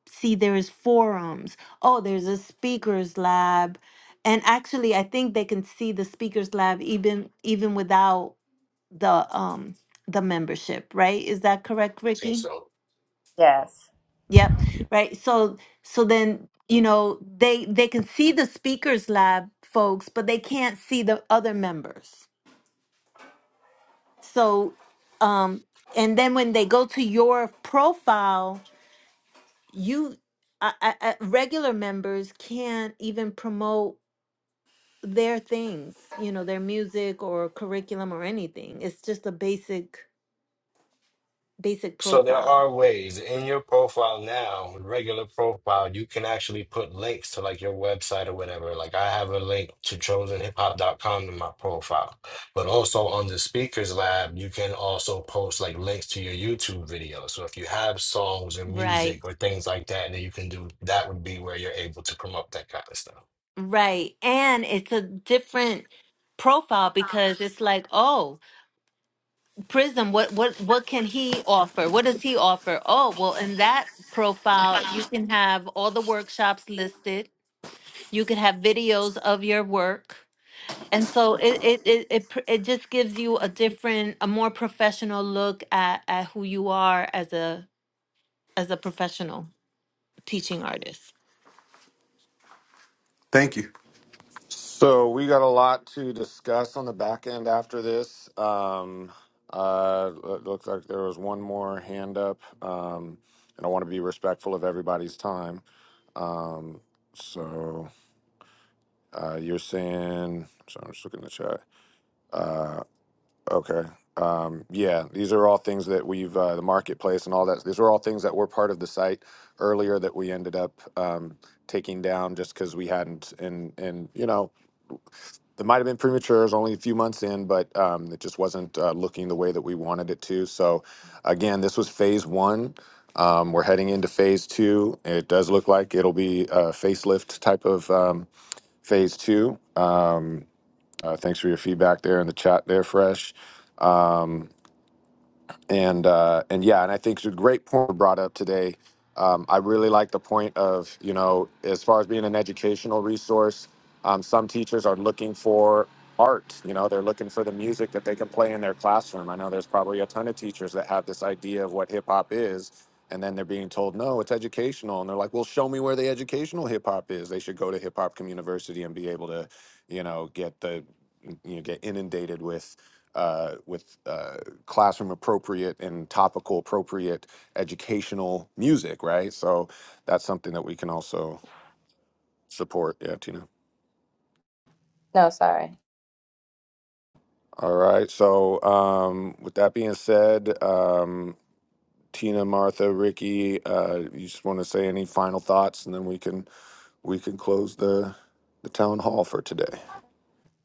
[SPEAKER 4] see there is forums. Oh, there's a speakers lab. And actually, I think they can see the speakers lab even even without the um the membership, right? Is that correct,
[SPEAKER 10] I think
[SPEAKER 4] Ricky?
[SPEAKER 10] so.
[SPEAKER 3] Yes.
[SPEAKER 4] Yep. Right. So so then, you know, they they can see the speakers lab folks, but they can't see the other members. So um and then when they go to your profile, you uh, uh, regular members can't even promote their things, you know, their music or curriculum or anything. It's just a basic basic
[SPEAKER 10] So there
[SPEAKER 4] profile.
[SPEAKER 10] are ways in your profile now, regular profile, you can actually put links to like your website or whatever. Like I have a link to chosen hip hop dot com in my profile. But also on the speakers lab, you can also post like links to your YouTube videos. So if you have songs or
[SPEAKER 4] Right.
[SPEAKER 10] music or things like that, then you can do that would be where you're able to promote that kind of stuff.
[SPEAKER 4] Right. And it's a different profile because it's like, oh, Prism, what what what can he offer? What does he offer? Oh, well, in that profile, you can have all the workshops listed. You could have videos of your work. And so it it it it, pr- it just gives you a different, a more professional look at at who you are as a as a professional teaching artist.
[SPEAKER 6] Thank you.
[SPEAKER 1] so we got a lot to discuss on the back end after this. Um, uh, it looks like there was one more hand up, um, and I want to be respectful of everybody's time. Um, so. Uh, you're saying, so I'm just looking in the chat. Uh, okay. Um, yeah, these are all things that we've, uh, the marketplace and all that. These are all things that were part of the site earlier that we ended up um, taking down just because we hadn't. And, and, you know, it might have been premature. It was only a few months in, but um, it just wasn't uh, looking the way that we wanted it to. So, again, this was phase one. Um, we're heading into phase two. It does look like it'll be a facelift type of um, phase two. Um, uh, thanks for your feedback there in the chat there, Fresh. Um, and uh, and yeah, and I think it's a great point brought up today. Um, I really like the point of you know as far as being an educational resource, um, some teachers are looking for art. You know, they're looking for the music that they can play in their classroom. I know there's probably a ton of teachers that have this idea of what hip hop is. And then they're being told, no, it's educational. And they're like, well, show me where the educational hip hop is. They should go to Hip Hop Community University and be able to, you know, get the, you know, get inundated with uh, with uh, classroom appropriate and topical appropriate educational music, right? So that's something that we can also support. Yeah, Tina.
[SPEAKER 3] No, sorry.
[SPEAKER 1] All right. So um, with that being said, um, Tina, Martha, Ricky, uh, you just want to say any final thoughts, and then we can we can close the the town hall for today.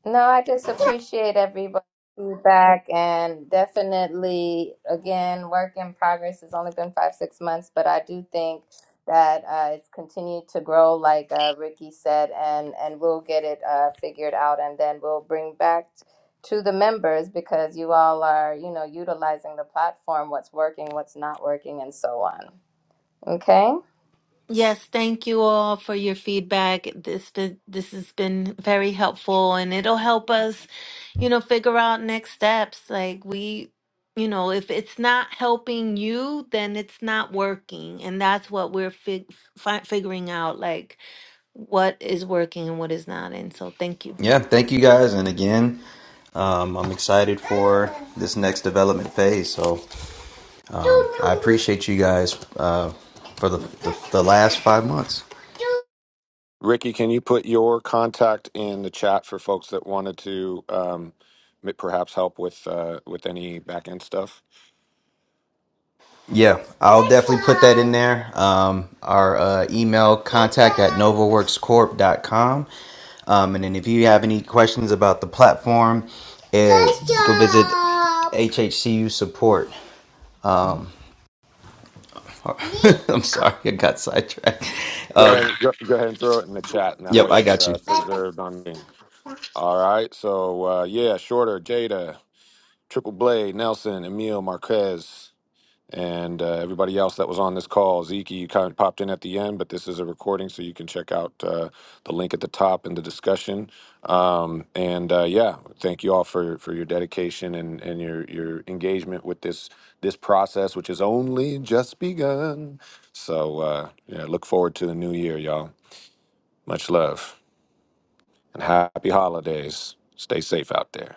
[SPEAKER 3] No, I just appreciate everybody's feedback and definitely, again, work in progress. It's only been five, six months, but I do think that uh, it's continued to grow, like uh, Ricky said, and, and we'll get it uh, figured out and then we'll bring back to the members because you all are, you know, utilizing the platform, what's working, what's not working, and so on. Okay?
[SPEAKER 4] Yes, thank you all for your feedback. This been, this has been very helpful and it'll help us, you know, figure out next steps. Like we, you know, if it's not helping you, then it's not working. And that's what we're fig fi figuring out, like what is working and what is not. And so thank you.
[SPEAKER 2] Yeah, thank you guys. And again, um, I'm excited for this next development phase. So um, I appreciate you guys uh, for the, the, the last five months.
[SPEAKER 1] Ricky, can you put your contact in the chat for folks that wanted to um, m- perhaps help with uh, with any back end stuff?
[SPEAKER 2] Yeah, I'll definitely put that in there. Um, our uh, email contact at novaworkscorp.com. Um, and then if you have any questions about the platform, uh, go visit HHCU support. Um, I'm sorry, I got sidetracked.
[SPEAKER 1] Go
[SPEAKER 2] Uh,
[SPEAKER 1] ahead, go, go ahead and throw it in the chat, and that
[SPEAKER 2] yep,
[SPEAKER 1] way
[SPEAKER 2] I
[SPEAKER 1] it's
[SPEAKER 2] got you.
[SPEAKER 1] uh, preserved on me. All right, so uh, yeah, Shorter, Jada, Triple Blade, Nelson, Emil, Marquez, and uh, everybody else that was on this call. Zeke, you kind of popped in at the end, but this is a recording, so you can check out uh, the link at the top in the discussion. Um, and uh, yeah, thank you all for, for your dedication and, and your, your engagement with this this process, which is only just begun. So uh, yeah, look forward to the new year, y'all. Much love and happy holidays. Stay safe out there.